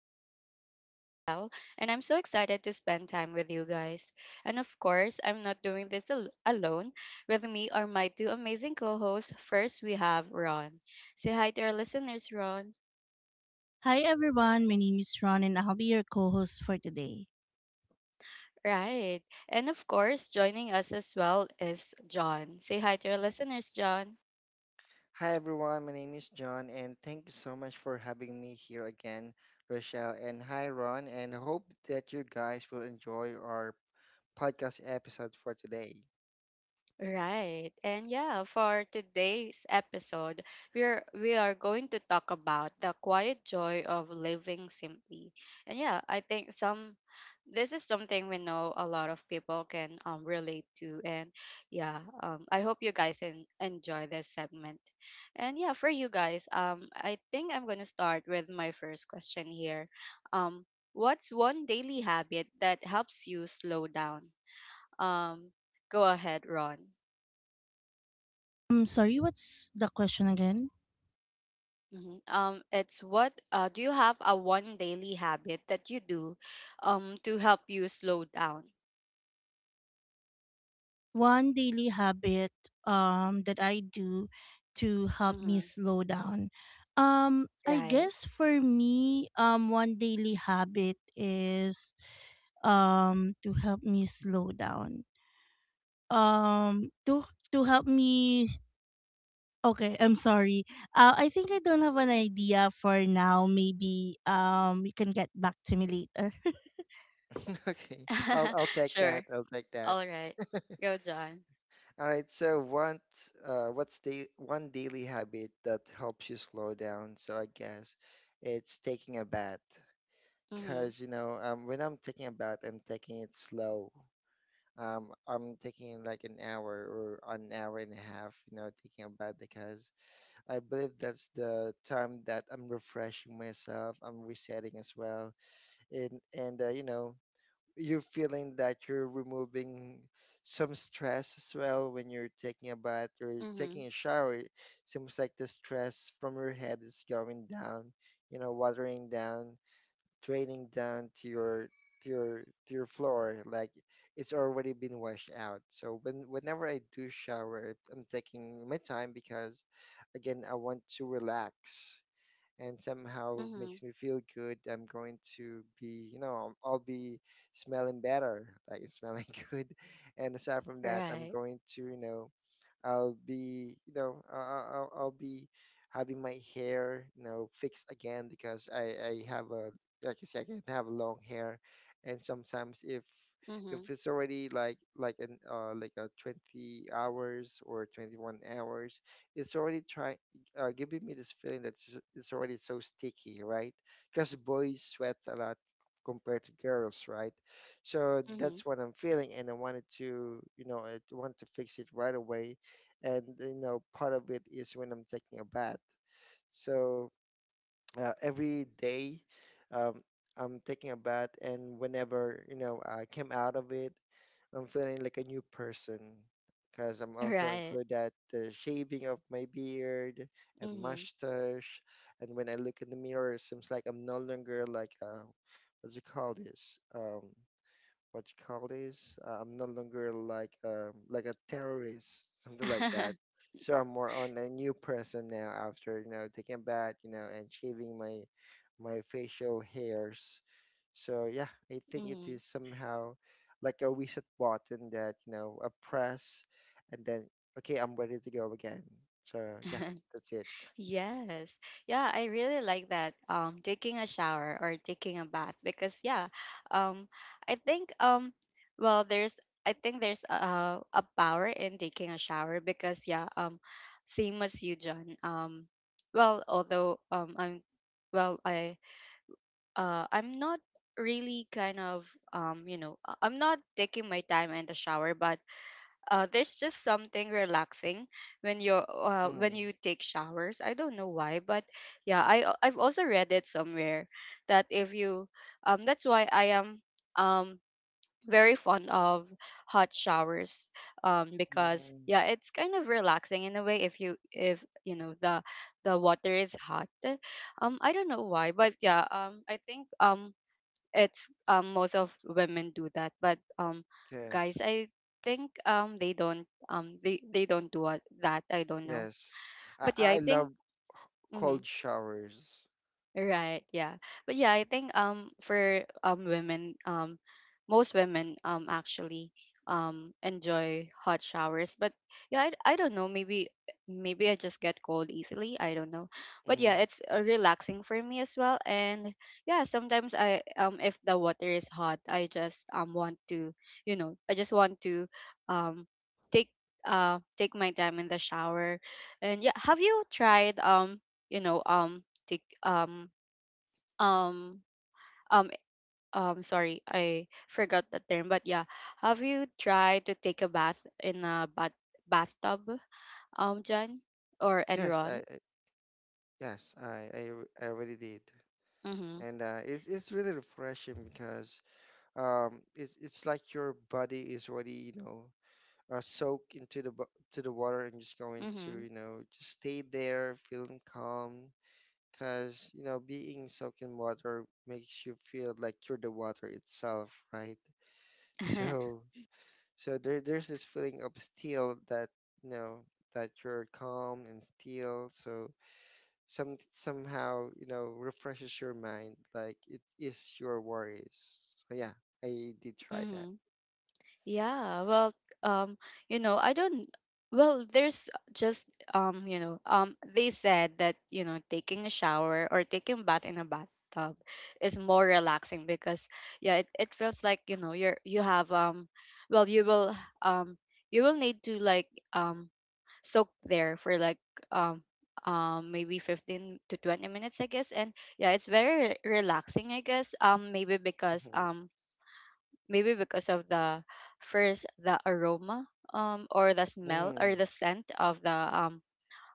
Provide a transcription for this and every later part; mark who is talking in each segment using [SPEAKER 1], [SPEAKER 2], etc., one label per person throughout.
[SPEAKER 1] I'm your host, Rochelle, and I'm so excited to spend time with you guys. And of course, I'm not doing this alone. With me are my two amazing co hosts. First, we have Ron. Say hi to our listeners, Ron.
[SPEAKER 2] Hi everyone, my name is Ron and I'll be your co-host for today.
[SPEAKER 1] Right. And of course, joining us as well is John. Say hi to our listeners, John.
[SPEAKER 3] Hi everyone, my name is John, and thank you so much for having me here again, Rochelle. And hi Ron, and hope that you guys will enjoy our podcast episode for today.
[SPEAKER 1] Right. And yeah, for today's episode, we are going to talk about the quiet joy of living simply. And yeah, I think some this is something we know a lot of people can relate to. And yeah, I hope you guys enjoy this segment. And yeah, for you guys, I think I'm going to start with my first question here. What's one daily habit that helps you slow down? um, go ahead, Ron.
[SPEAKER 2] I'm sorry, what's the question again?
[SPEAKER 1] Mhm. It's what Do you have a one daily habit that you do to help you slow down?
[SPEAKER 2] One daily habit that I do to help me
[SPEAKER 1] Mm-hmm.
[SPEAKER 2] slow down. I
[SPEAKER 1] Right.
[SPEAKER 2] guess for me, one daily habit is to help me slow down. Um to to help me Okay, I'm sorry. I think I don't have an idea for now. Maybe you can get back to me later.
[SPEAKER 3] Okay, I'll I'll take
[SPEAKER 1] Sure.
[SPEAKER 3] that. I'll take that.
[SPEAKER 1] All right. Go, John.
[SPEAKER 3] All right. So what's the one daily habit that helps you slow down? So I guess it's taking a bath,
[SPEAKER 1] Mm-hmm.
[SPEAKER 3] cause you know when I'm taking a bath, I'm taking it slow. I'm taking like an hour or an hour and a half, you know, taking a bath because I believe that's the time that I'm refreshing myself, I'm resetting as well. And You know, you're feeling that you're removing some stress as well when you're taking a bath or
[SPEAKER 1] Mm-hmm.
[SPEAKER 3] taking a shower. It seems like the stress from your head is going down, you know, watering down, draining down to your floor, like it's already been washed out. So when whenever I do shower, I'm taking my time because again, I want to relax and somehow
[SPEAKER 1] Mm-hmm.
[SPEAKER 3] makes me feel good. I'm going to be, you know, I'll be smelling better, like smelling good. And aside from that, I'm
[SPEAKER 1] Right.
[SPEAKER 3] going to, you know, I'll be, you know, I'll be having my hair, you know, fixed again because I have a, like you say, I can have long hair, and sometimes
[SPEAKER 1] Mm-hmm.
[SPEAKER 3] if it's already like a 20 hours or 21 hours, it's already trying, giving me this feeling that it's already so sticky, right? Because boys sweat a lot compared to girls, right? So
[SPEAKER 1] Mm-hmm.
[SPEAKER 3] that's what I'm feeling, and I wanted to, you know, I wanted to fix it right away. And you know, part of it is when I'm taking a bath. So every day, um, I'm taking a bath, and whenever you know I came out of it, I'm feeling like a new person because I'm also
[SPEAKER 1] Right.
[SPEAKER 3] include that the shaving of my beard and
[SPEAKER 1] Mm-hmm.
[SPEAKER 3] mustache, and when I look in the mirror, it seems like I'm no longer like what do you call this? What you call this? I'm no longer like a terrorist, something like that. So I'm more on a new person now after, you know, taking a bath, you know, and shaving my facial hairs. So yeah, I think it
[SPEAKER 1] Mm-hmm.
[SPEAKER 3] is somehow like a reset button that, you know, a press and then okay, I'm ready to go again. So yeah, that's it.
[SPEAKER 1] Yes. Yeah, I really like that. Taking a shower or taking a bath, because yeah, um, I think, well, there's I think there's a power in taking a shower, because yeah, same as you, John. Well, although I'm well, I'm not really kind of, you know, I'm not taking my time in the shower, but there's just something relaxing when
[SPEAKER 3] Mm,
[SPEAKER 1] you take showers. I don't know why, but yeah, I've also read it somewhere that if you that's why I am um very fond of hot showers, because
[SPEAKER 3] mm,
[SPEAKER 1] yeah, it's kind of relaxing in a way, if you, if you know the water is hot. I don't know why, but yeah, I think, it's, most of women do that, but guys,
[SPEAKER 3] yes.
[SPEAKER 1] I think, they don't, they don't do that. I don't know,
[SPEAKER 3] Yes. I,
[SPEAKER 1] but yeah, I
[SPEAKER 3] I
[SPEAKER 1] think.
[SPEAKER 3] love
[SPEAKER 1] Mhm.
[SPEAKER 3] cold showers.
[SPEAKER 1] Right, yeah. But yeah, I think, for women, most women, actually, enjoy hot showers. But yeah, I don't know, maybe, maybe I just get cold easily, I don't know. But
[SPEAKER 3] Mm.
[SPEAKER 1] yeah, it's, relaxing for me as well. And yeah, sometimes I, if the water is hot, I just, want to, you know, I just want to, um take, take my time in the shower. And yeah, have you tried, you know, take um um sorry, I forgot the term, but yeah, have you tried to take a bath in a bathtub, John, or
[SPEAKER 3] Yes,
[SPEAKER 1] enron?
[SPEAKER 3] I already did.
[SPEAKER 1] Mm.
[SPEAKER 3] And it's really refreshing because it's like your body is already, you know, soaked into to the water, and just going to,
[SPEAKER 1] Mm-hmm.
[SPEAKER 3] you know, just stay there feeling calm because, you know, being soaked in water makes you feel like you're the water itself, right? So so there there's this feeling of still that, you know, that you're calm and still. So some somehow you know refreshes your mind like it is your worries. So yeah, I did try that.
[SPEAKER 1] Mm-hmm. Yeah, well, um, you know, I don't. Well, there's just, you know, they said that, you know, taking a shower or taking a bath in a bathtub is more relaxing because yeah, it feels like, you know, you have, well, you will, um, you will need to like, soak there for like, um. Maybe 15 to 20 minutes, I guess. And yeah, it's very relaxing, I guess, maybe because,
[SPEAKER 3] Mhm.
[SPEAKER 1] maybe because of the, first, the aroma, or the smell or
[SPEAKER 3] Mm.
[SPEAKER 1] the scent of the,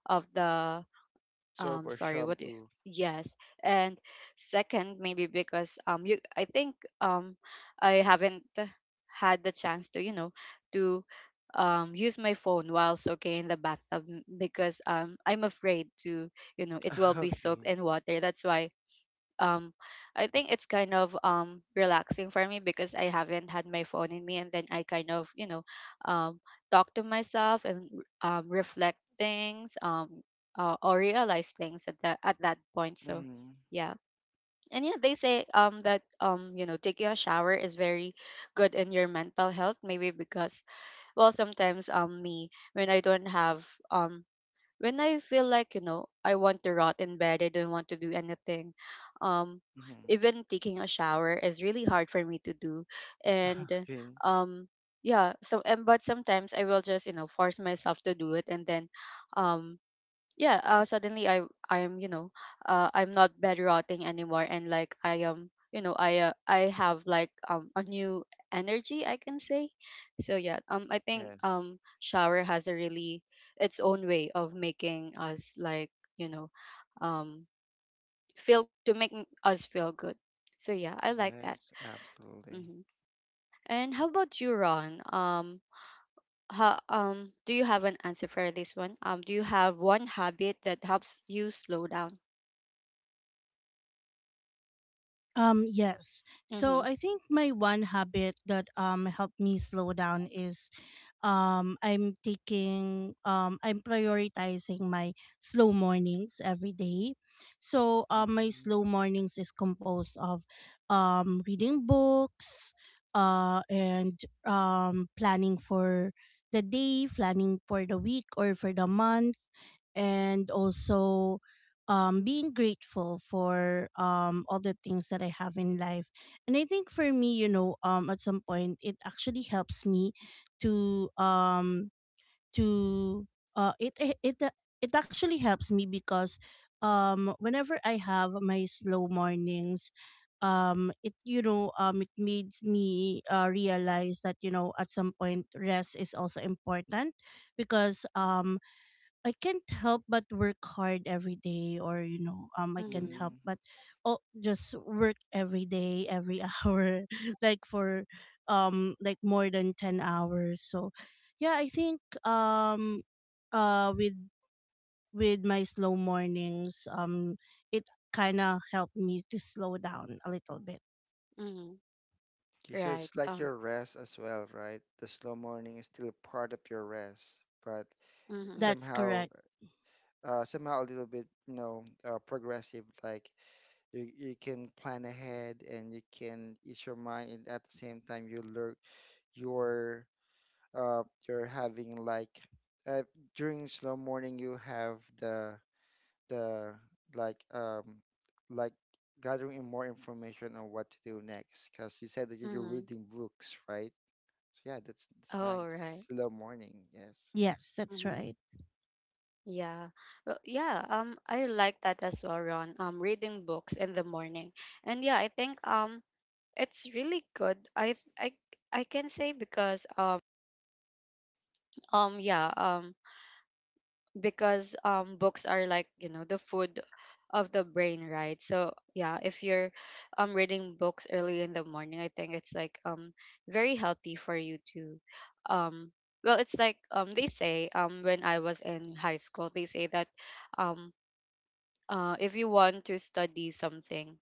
[SPEAKER 1] of the,
[SPEAKER 3] Soap or
[SPEAKER 1] sorry, what do you?
[SPEAKER 3] shampoo.
[SPEAKER 1] Yes. And second, maybe because, you I think, um I haven't had the chance to, you know, to, use my phone while soaking in the bathtub, because, I'm afraid to, you know, it will be soaked
[SPEAKER 3] Okay.
[SPEAKER 1] in water, that's why. um I think it's kind of, relaxing for me, because I haven't had my phone in me, and then I kind of, you know, um talk to myself and reflect things, or realize things at that point, so
[SPEAKER 3] Mm.
[SPEAKER 1] yeah. And yeah, they say, that, you know, taking a shower is very good in your mental health, maybe because, well, sometimes, me, when I don't have, um when I feel like, you know, I want to rot in bed, I don't want to do anything, um,
[SPEAKER 3] Mm.
[SPEAKER 1] even taking a shower is really hard for me to do. And
[SPEAKER 3] Okay.
[SPEAKER 1] um yeah, so, and but sometimes I will just, you know, force myself to do it, and then, um yeah, suddenly I am, you know, I'm not bed rotting anymore, and like I am, you know, I, I have like, a new energy, I can say. So yeah, I think,
[SPEAKER 3] Yes.
[SPEAKER 1] shower has a really, its own way of making us like, you know, um feel, to make us feel good. So yeah, I like that.
[SPEAKER 3] Yes, absolutely.
[SPEAKER 1] Hmm. And how about you, Ron? How, do you have an answer for this one, do you have one habit that helps you slow down?
[SPEAKER 2] Yes. So
[SPEAKER 1] Mm-hmm.
[SPEAKER 2] I think my one habit that helped me slow down is I'm prioritizing my slow mornings every day. So my
[SPEAKER 3] Mm.
[SPEAKER 2] slow mornings is composed of reading books, and planning for the day, planning for the week or for the month, and also being grateful for all the things that I have in life. And I think for me, you know, at some point it actually helps me to um to it it it, it actually helps me because whenever I have my slow mornings, it you know it made me realize that, you know, at some point rest is also important, because I can't help but work hard every day, or, you know, I can't
[SPEAKER 1] Mhm,
[SPEAKER 2] help
[SPEAKER 3] Mm.
[SPEAKER 2] but oh, just work every day, every hour, like for like more than 10 hours. So, yeah, I think with my slow mornings, it kind of helped me to slow down a little bit.
[SPEAKER 1] mhm.
[SPEAKER 3] Okay, so
[SPEAKER 1] Right.
[SPEAKER 3] it's like your rest as well, right? The slow morning is still part of your rest, but
[SPEAKER 1] Mhm,
[SPEAKER 2] That's
[SPEAKER 3] somehow
[SPEAKER 2] correct.
[SPEAKER 3] somehow a little bit, you know, progressive, like you can plan ahead and you can ease your mind, and at the same time you learn you're uh you're having like uh, during slow morning you have the like um like gathering in more information on what to do next because you said that you're
[SPEAKER 1] mhm.
[SPEAKER 3] reading books, right? So yeah, that's
[SPEAKER 1] Oh,
[SPEAKER 3] nice,
[SPEAKER 1] right.
[SPEAKER 3] slow morning. Yes.
[SPEAKER 2] Yes, that's
[SPEAKER 1] Mhm.
[SPEAKER 2] right.
[SPEAKER 1] Yeah. Well, yeah. I like that as well, Ron. Reading books in the morning, and yeah, I think, it's really good. I can say, because, yeah, because, books are like, you know, the food of the brain, right? So yeah, if you're, reading books early in the morning, I think it's like, very healthy for you to, um well, it's like, they say, when I was in high school, they say that, um if you want to study something,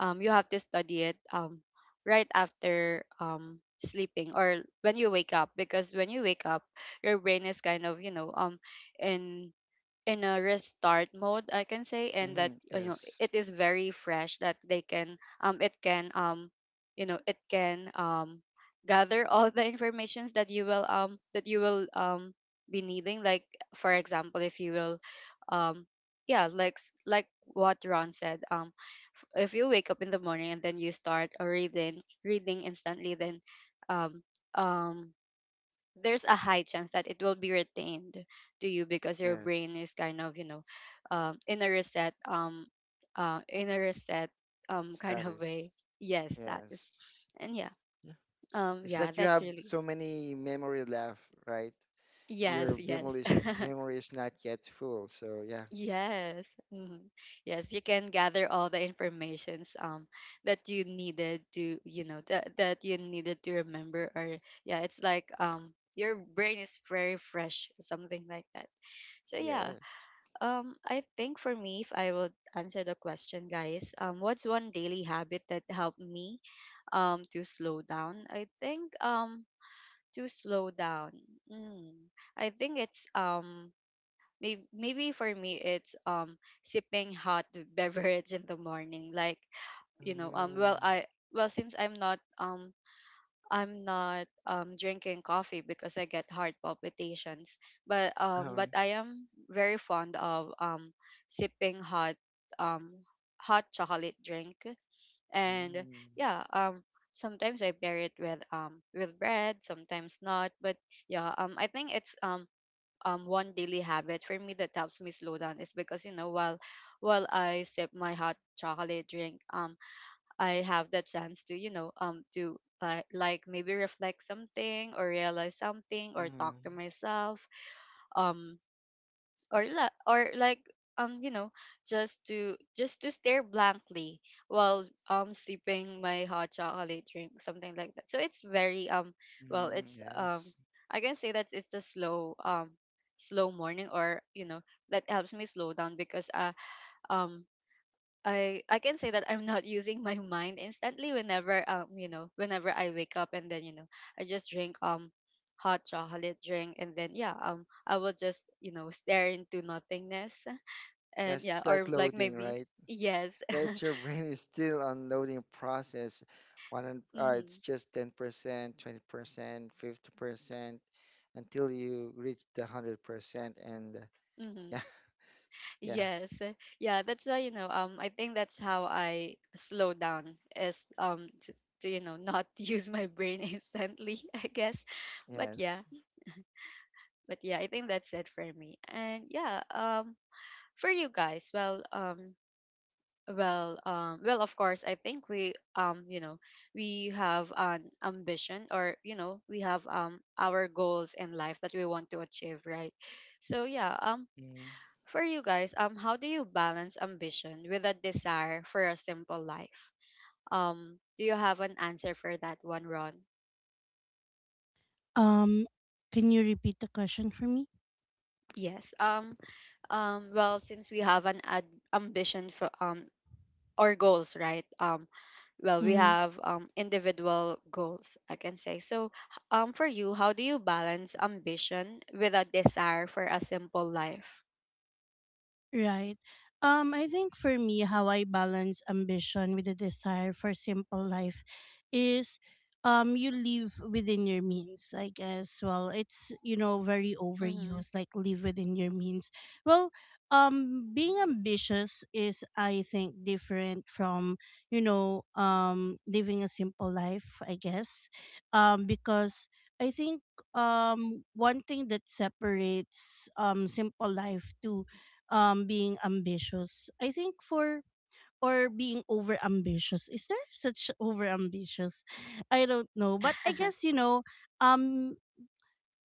[SPEAKER 1] you have to study it, right after, sleeping or when you wake up, because when you wake up, your brain is kind of, you know, in in a restart mode, I can say. And
[SPEAKER 3] Mm-hmm.
[SPEAKER 1] that, you know,
[SPEAKER 3] Yes.
[SPEAKER 1] it is very fresh, that they can, it can, you know, it can, gather all the informations that you will, that you will, be needing, like, for example, if you will, um yeah, like, like what Ron said, if you wake up in the morning and then you start, reading instantly, then, um um there's a high chance that it will be retained to you, because your brain
[SPEAKER 3] Yes,
[SPEAKER 1] is kind of, you know, in a reset, in a reset, kind of
[SPEAKER 3] status.
[SPEAKER 1] way. Yes, that is.
[SPEAKER 3] Yes.
[SPEAKER 1] And yeah,
[SPEAKER 3] It's
[SPEAKER 1] yeah,
[SPEAKER 3] like you
[SPEAKER 1] that's
[SPEAKER 3] have
[SPEAKER 1] really.
[SPEAKER 3] so many memory left, right?
[SPEAKER 1] Yes, yes.
[SPEAKER 3] Memory is not yet full. So yeah.
[SPEAKER 1] yes. Mhm. Yes, you can gather all the informations, that you needed to, you know, that you needed to remember, or, yeah, it's like, your brain is very fresh, something like that. So yeah.
[SPEAKER 3] Yes.
[SPEAKER 1] I think for me, if I would answer the question, guys, what's one daily habit that helped me, to slow down? I think, to slow down. Mm, I think it's, maybe, maybe for me it's, sipping hot beverage in the morning. Like, you know, well,
[SPEAKER 3] Mm.
[SPEAKER 1] I, well, since I'm not, I'm not, drinking coffee because I get heart palpitations.
[SPEAKER 3] uh
[SPEAKER 1] But I am very fond of, sipping hot, um, hot chocolate drink, and
[SPEAKER 3] Mm.
[SPEAKER 1] yeah, sometimes I pair it with, with bread, sometimes not. But yeah, I think it's, one daily habit for me that helps me slow down is because, you know, while I sip my hot chocolate drink, I have that chance to, you know, to, like, maybe reflect something or realize something or
[SPEAKER 3] Mm.
[SPEAKER 1] talk to myself, um, or or like, you know, just to, just to stare blankly while, sipping my hot chocolate drink, something like that. So it's very, well,
[SPEAKER 3] Mm.
[SPEAKER 1] it's,
[SPEAKER 3] Yes.
[SPEAKER 1] I can say that it's a slow, slow morning or, you know, that helps me slow down, because, um I can say that I'm not using my mind instantly, whenever, you know, whenever I wake up and then, you know, I just drink, hot chocolate drink, and then yeah, I will just, you know, stare into nothingness, and
[SPEAKER 3] That's,
[SPEAKER 1] yeah,
[SPEAKER 3] it's like
[SPEAKER 1] or like
[SPEAKER 3] loading,
[SPEAKER 1] maybe.
[SPEAKER 3] right?
[SPEAKER 1] Yes.
[SPEAKER 3] That's your brain is still on loading process. One, it's
[SPEAKER 1] Mm-hmm,
[SPEAKER 3] just 10%, 20%, 50% until you reach the 100%. And
[SPEAKER 1] mm-hmm.
[SPEAKER 3] yeah, yeah,
[SPEAKER 1] Yes. Yeah, that's why, you know, I think that's how I slow down is, to, you know, not use my brain instantly, I guess. But yeah,
[SPEAKER 3] yes.
[SPEAKER 1] but yeah, I think that's it for me. And yeah, for you guys, well, well, well, of course, I think we, you know, we have an ambition, or, you know, we have, our goals in life that we want to achieve, right? So yeah,
[SPEAKER 3] Mm-hmm.
[SPEAKER 1] for you guys, how do you balance ambition with a desire for a simple life? Do you have an answer for that one, Ron?
[SPEAKER 2] Um, can you repeat the question for me?
[SPEAKER 1] Yes, well, since we have an ambition for, or goals, right? Well, we
[SPEAKER 2] Mm-hmm.
[SPEAKER 1] have individual goals, I can say. So, for you, how do you balance ambition with a desire for a simple life?
[SPEAKER 2] Right. I think for me, how I balance ambition with the desire for simple life is you live within your means, I guess. Well, it's, you know, very
[SPEAKER 1] Mm-hmm.
[SPEAKER 2] overused, like live within your means. Well, being ambitious is, I think, different from, you know, living a simple life, I guess. Because I think one thing that separates simple life to being ambitious. I think for, or being over ambitious. Is there such over ambitious? I don't know, but I guess, you know, um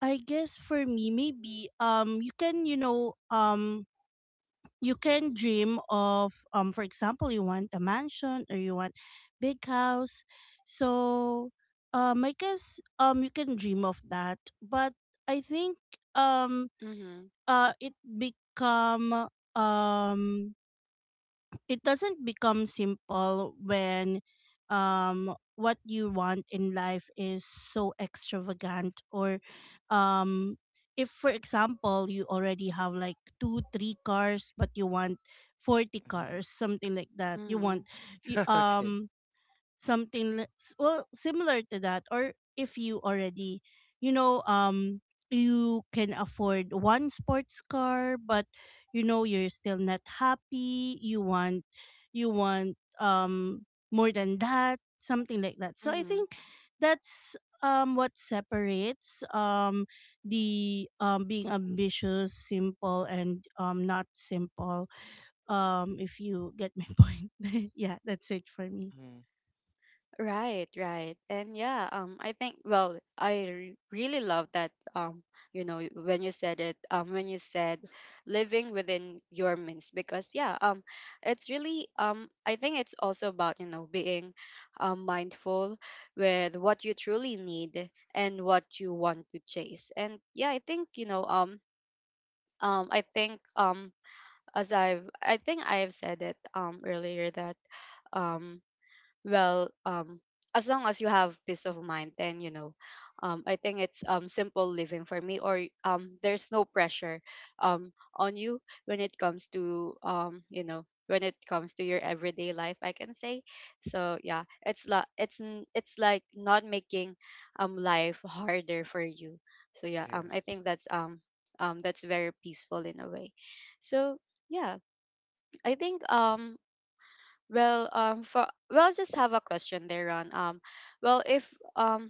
[SPEAKER 2] for me maybe you can, you know, you can dream of, for example, you want a mansion or you want big house. So I guess you can dream of that, but I think um
[SPEAKER 1] Mm-hmm.
[SPEAKER 2] uh it become um it doesn't become simple when what you want in life is so extravagant, or um if, for example, you already have like two three cars but you want 40 cars, something like that. You
[SPEAKER 1] Mm-hmm.
[SPEAKER 2] want y-
[SPEAKER 3] Okay.
[SPEAKER 2] um well, similar to that, or if you already, you know, you can afford one sports car, but you know you're still not happy. You want, you want um more than that, something like that. So I think that's what separates the being ambitious simple and not simple, if you get my point. Yeah, that's it for me.
[SPEAKER 3] Mm,
[SPEAKER 1] Right, right. And yeah, I think I really love that you know when you said it when you said living within your means because yeah, it's really I think it's also about, you know, being mindful with what you truly need and what you want to chase. And yeah, I think, you know, I think as I've I think I have said it earlier that um well um as long as you have peace of mind, then you know I think it's simple living for me, or there's no pressure on you when it comes to you know, when it comes to your everyday life, I can say. So yeah, it's it's it's like not making life harder for you. So yeah, I
[SPEAKER 3] yes.
[SPEAKER 1] think that's very peaceful in a way. So yeah, I think well, for well, I just have a question there on well, if um,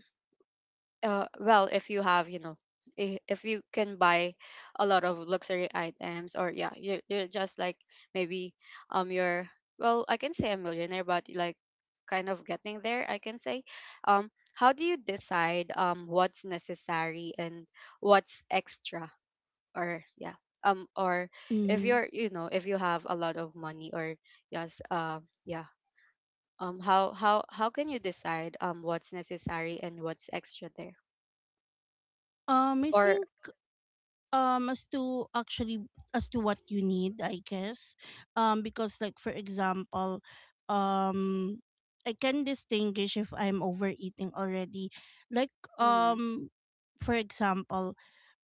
[SPEAKER 1] well, if you have, you know, if you can buy a lot of luxury items, or yeah, you're just like maybe you're well, I can say a millionaire, but like kind of getting there, I can say. Um, how do you decide what's necessary and what's extra, or yeah, or if you're you know if you have a lot of money, or yes, yeah, how can you decide what's necessary and what's extra there
[SPEAKER 2] I
[SPEAKER 1] or
[SPEAKER 2] think, um as to actually as to what you need, I guess. Because, like, for example, um, I can distinguish if I'm overeating already. Like,
[SPEAKER 1] mm-hmm,
[SPEAKER 2] for example,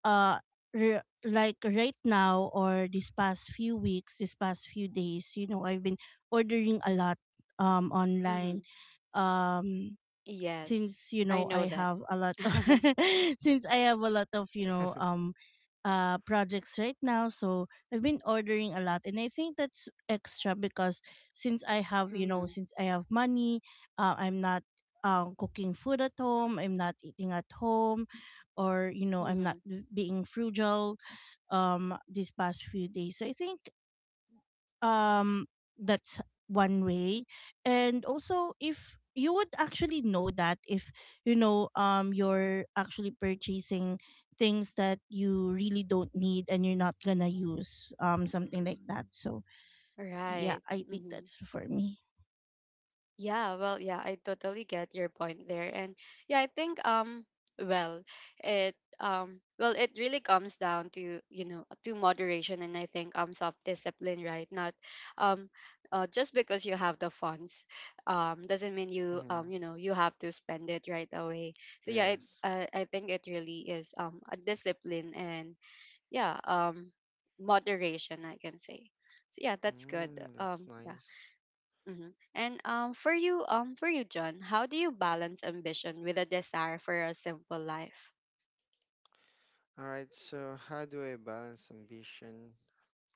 [SPEAKER 2] uh, like right now, or this past few weeks, this past few days, you know, I've been ordering a lot online,
[SPEAKER 1] mm-hmm,
[SPEAKER 2] um
[SPEAKER 1] yes,
[SPEAKER 2] since, you
[SPEAKER 1] I
[SPEAKER 2] know,
[SPEAKER 1] know
[SPEAKER 2] I
[SPEAKER 1] that.
[SPEAKER 2] have a lot of since I have a lot of, you know, projects right now, so I've been ordering a lot, and I think that's extra because
[SPEAKER 1] Mm-hmm,
[SPEAKER 2] since I have money, I'm not cooking food at home, I'm not eating at home, or, you know, I'm not
[SPEAKER 1] mm-hmm,
[SPEAKER 2] being frugal these past few days, so I think um that's one way. And also, if you would actually know that, if you know, you're actually purchasing things that you really don't need and you're not gonna use, something like that. So yeah,
[SPEAKER 1] right.
[SPEAKER 2] I think
[SPEAKER 1] Mm-hmm.
[SPEAKER 2] that's for me.
[SPEAKER 1] Yeah, well, yeah, I totally get your point there. And yeah, I think well, well, it really comes down to, you know, to moderation and I think self-discipline, right? Not um just because you have the funds doesn't mean you
[SPEAKER 3] Mm,
[SPEAKER 1] you know, you have to spend it right away. So yeah,
[SPEAKER 3] yes.
[SPEAKER 1] I think it really is a discipline and yeah, moderation, I can say. So yeah, that's good.
[SPEAKER 3] Mm, that's
[SPEAKER 1] Um yeah
[SPEAKER 3] nice.
[SPEAKER 1] And for you, John, how do you balance ambition with a desire for a simple life?
[SPEAKER 3] All right, so how do I balance ambition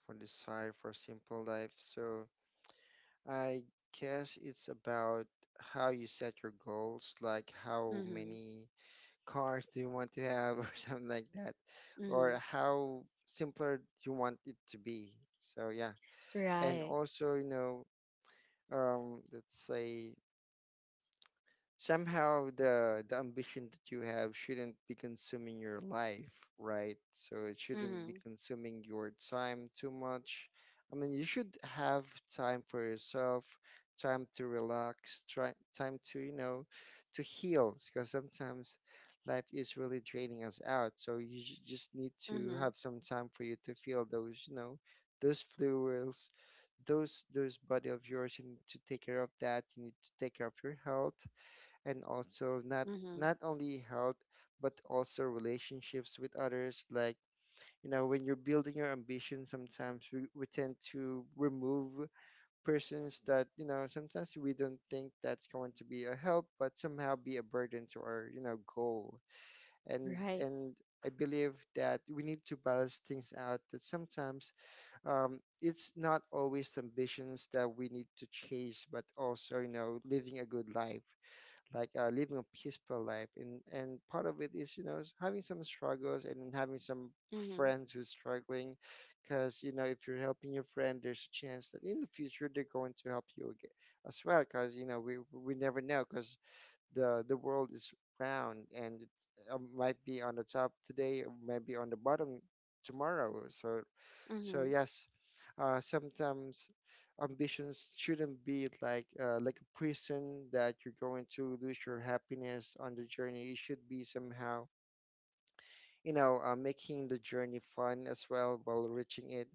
[SPEAKER 3] for desire for simple life? So I guess it's about how you set your goals, like how
[SPEAKER 1] Mm-hmm.
[SPEAKER 3] many cars do you want to have or something like that,
[SPEAKER 1] Mm-hmm.
[SPEAKER 3] or how simpler you want it to be. So yeah, and
[SPEAKER 1] Right.
[SPEAKER 3] also, you know, let's say somehow the ambition that you have shouldn't be consuming your life, right? So it shouldn't be
[SPEAKER 1] Mm-hmm.
[SPEAKER 3] consuming your time too much. I mean, you should have time for yourself, time to relax, try, time to, you know, to heal, because sometimes life is really draining us out. So you just need to
[SPEAKER 1] Mm-hmm.
[SPEAKER 3] have some time for you to feel those, you know, those fluids, those body of yours. You need to take care of that. You need to take care of your health, and also not
[SPEAKER 1] Mm-hmm.
[SPEAKER 3] not only health, but also relationships with others, like you know when you're building your ambition, sometimes we tend to remove persons that, you know, sometimes we don't think that's going to be a help but somehow be a burden to our, you know, goal.
[SPEAKER 1] Right.
[SPEAKER 3] And I believe that we need to balance things out, that sometimes it's not always ambitions that we need to chase, but also you know living a good life, like living a peaceful life, and part of it is you know having some struggles and then having some
[SPEAKER 1] Mm-hmm.
[SPEAKER 3] friends who's struggling, because you know if you're helping your friend, there's a chance that in the future they're going to help you again as well, because you know we never know, because the world is round, and it might be on the top today, maybe on the bottom tomorrow. So so
[SPEAKER 1] Mm-hmm.
[SPEAKER 3] yes, sometimes ambitions shouldn't be like a prison that you're going to lose your happiness on the journey. It should be somehow, you know, making the journey fun as well while reaching it,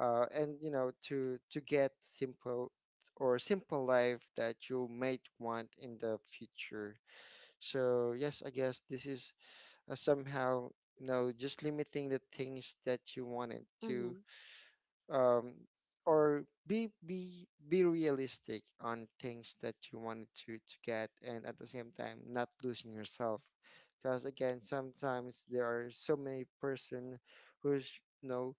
[SPEAKER 3] and you know, to get simple or simple life that you might want in the future. So yes, I guess this is somehow you know just limiting the things that you wanted to
[SPEAKER 1] Mm-hmm.
[SPEAKER 3] um, or be realistic on things that you wanted to get, and at the same time not losing yourself, because again sometimes there are so many person who's you know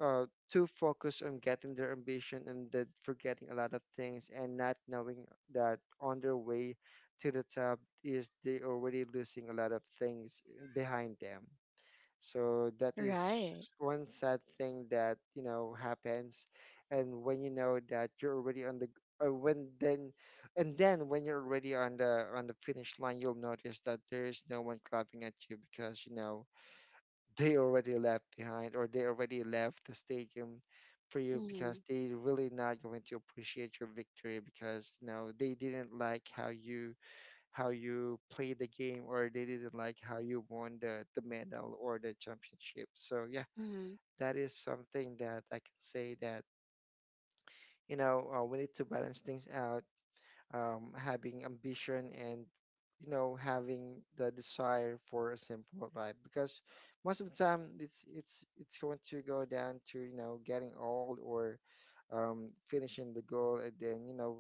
[SPEAKER 3] uh, too focused on getting their ambition, and that forgetting a lot of things and not knowing that on their way to the top is they already losing a lot of things behind them. So that is
[SPEAKER 1] Right.
[SPEAKER 3] one sad thing that, you know, happens. And when you know that you're already on the when then and then when you're already on the finish line, you'll notice that there is no one clapping at you because, you know, they already left behind, or they already left the stadium for you,
[SPEAKER 1] Mm-hmm.
[SPEAKER 3] because they really not going to appreciate your victory, because, you know, they didn't like how you played the game, or they didn't like how you won the medal or the championship. So yeah,
[SPEAKER 1] Mm-hmm.
[SPEAKER 3] that is something that I can say that, you know, we need to balance things out, having ambition, and, you know, having the desire for a simple life, because most of the time it's going to go down to, you know, getting old, or finishing the goal, and then, you know,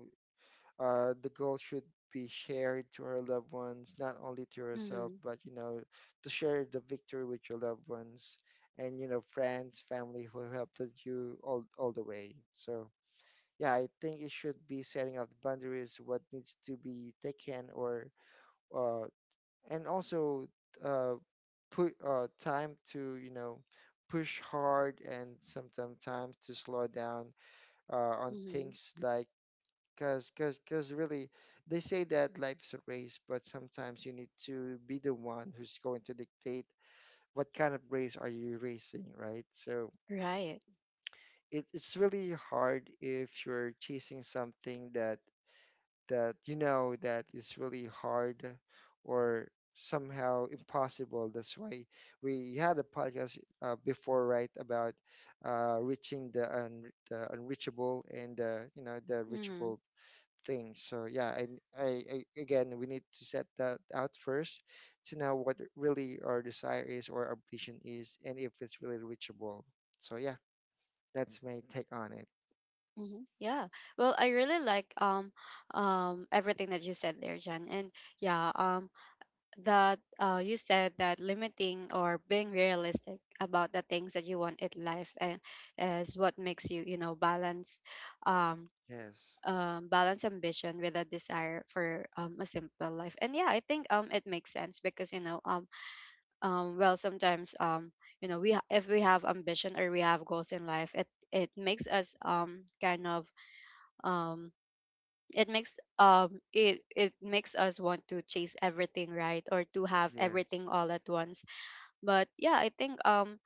[SPEAKER 3] the goal should be shared to our loved ones, not only to yourself,
[SPEAKER 1] Mm-hmm.
[SPEAKER 3] but you know, to share the victory with your loved ones and you know, friends, family who helped you all the way. So yeah, I think it should be setting up the boundaries, what needs to be taken, or uh, and also uh, put time to you know push hard and sometimes time to slow down on
[SPEAKER 1] Mm-hmm.
[SPEAKER 3] things like Cause really, they say that life's a race, but sometimes you need to be the one who's going to dictate what kind of race are you racing, right? So
[SPEAKER 1] Right.
[SPEAKER 3] it's really hard if you're chasing something that you know that is really hard or somehow impossible. That's why we had a podcast before, right, about reaching the unreachable and you know the
[SPEAKER 1] Mm-hmm.
[SPEAKER 3] reachable thing. So yeah, and I again we need to set that out first to know what really our desire is, or our vision is, and if it's really reachable. So yeah, that's my take on it.
[SPEAKER 1] Mm-hmm. Yeah. Well, I really like everything that you said there, John. And yeah, that you said that limiting or being realistic about the things that you want in life and is what makes you you know balance um,
[SPEAKER 3] Yes,
[SPEAKER 1] balance ambition with a desire for a simple life. And yeah, I think it makes sense because you know well, sometimes you know we if we have ambition or we have goals in life, it makes us kind of um it makes it it makes us want to chase everything, right? Or to have
[SPEAKER 3] yes,
[SPEAKER 1] everything all at once. But yeah, I think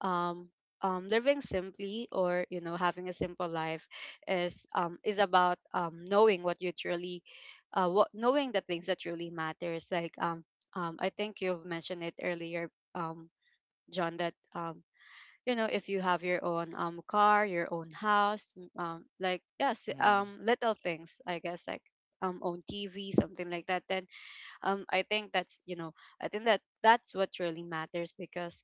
[SPEAKER 1] um living simply, or you know, having a simple life is about knowing what you truly what knowing the things that truly matters, like I think you've mentioned it earlier, John, that you know if you have your own car, your own house, like yes
[SPEAKER 3] mm-hmm.
[SPEAKER 1] little things, I guess, like own TV, something like that, then I think that's you know, I think that that's what really matters. Because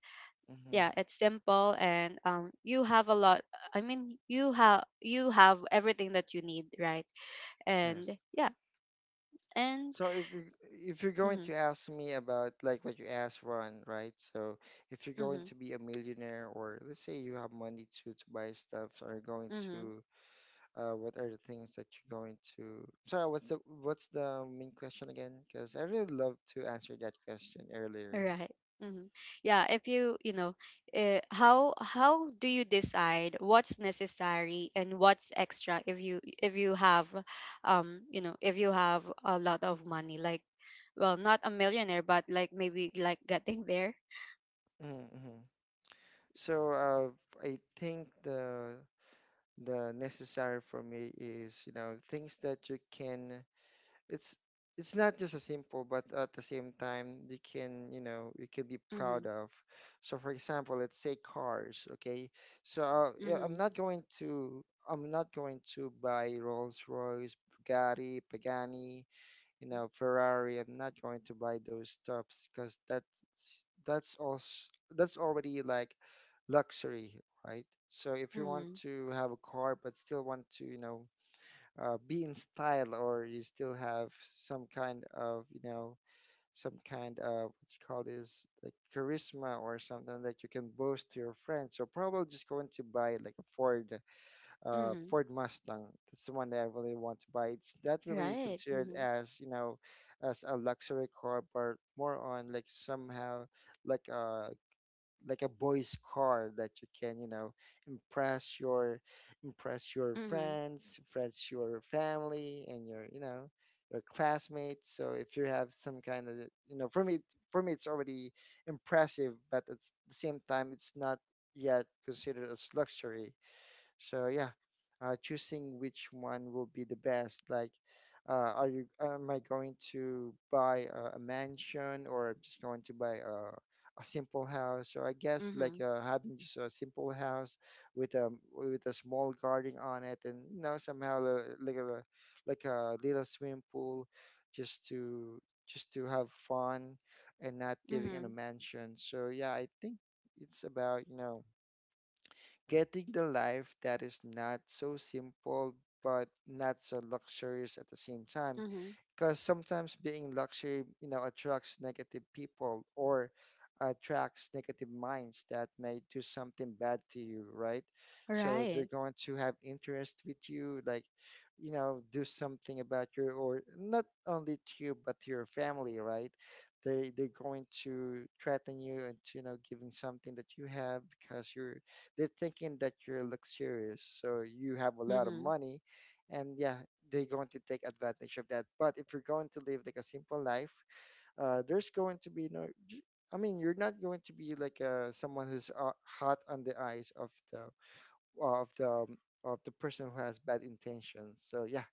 [SPEAKER 3] Mm-hmm.
[SPEAKER 1] yeah, it's simple and you have a lot. I mean, you have everything that you need, right?
[SPEAKER 3] Yes.
[SPEAKER 1] And yeah, and
[SPEAKER 3] So if you're going
[SPEAKER 1] mhm,
[SPEAKER 3] to ask me about like what you asked Ron, right? So if you're going
[SPEAKER 1] mhm,
[SPEAKER 3] to be a millionaire or let's say you have money to buy stuff or you're going
[SPEAKER 1] mhm,
[SPEAKER 3] to what are the things that you're going to? Sorry, what's the main question again? Because I really love to answer that question earlier.
[SPEAKER 1] right, mhm. Yeah, if you you know, how do you decide what's necessary and what's extra if you have you know if you have a lot of money, like well not a millionaire, but like maybe like getting there.
[SPEAKER 3] Mm-hmm. So I think the necessary for me is you know things that you can it's it's not just a simple but at the same time you can you know you can be proud
[SPEAKER 1] Mhm,
[SPEAKER 3] of. So for example, let's say cars, okay. So I'm
[SPEAKER 1] mhm,
[SPEAKER 3] not going to, I'm not going to buy Rolls Royce, Bugatti, Pagani, you
[SPEAKER 1] mhm,
[SPEAKER 3] know, Ferrari. I'm not going to buy those stuffs because that's also that's already like luxury, right? So if you want
[SPEAKER 1] mhm,
[SPEAKER 3] to have a car but still want to, you know, be in style or you still have some kind of, you know, some kind of what you call this like charisma or something that you can boast to your friends, so probably just going to buy like a Ford,
[SPEAKER 1] mhm.
[SPEAKER 3] Ford Mustang. That's the one that I really want to buy. It's not really
[SPEAKER 1] Right.
[SPEAKER 3] considered
[SPEAKER 1] Mm-hmm.
[SPEAKER 3] as, you know, as a luxury car, but more on like somehow like a, like a boy's car that you can, you know, impress your, impress your
[SPEAKER 1] Mm-hmm.
[SPEAKER 3] friends, impress your family and your, you know, your classmates. So if you have some kind of, you know, for me, for me, it's already impressive, but at the same time, it's not yet considered as luxury. So choosing which one will be the best. Like, are you am I going to buy a mansion, or I'm just going to buy a simple house? So I guess like
[SPEAKER 1] Mm-hmm.
[SPEAKER 3] having just a simple house with a, with a small garden on it, and you know, somehow like a, like a little swimming pool, just to, just to have fun and not living in a
[SPEAKER 1] Mm-hmm.
[SPEAKER 3] mansion. So yeah, I think it's about, you know, getting the life that is not so simple but not so luxurious at the same time.
[SPEAKER 1] Mm-hmm.
[SPEAKER 3] Because sometimes being luxury, you know, attracts negative people or attracts negative minds that may do something bad to you, right? So they're
[SPEAKER 1] Right.
[SPEAKER 3] going to have interest with you, like, you know, do something about your, or not only to you, but to your family, right? They're going to threaten you and you know, giving something that you have because you're, they're thinking that you're luxurious, so you have a lot of
[SPEAKER 1] Mm-hmm.
[SPEAKER 3] money. And yeah, they're going to take advantage of that. But if you're going to live like a simple life, there's going to be no. j- I mean, you're not going to be like someone who's hot on the eyes of the, of the of the person who has bad intentions. So yeah, I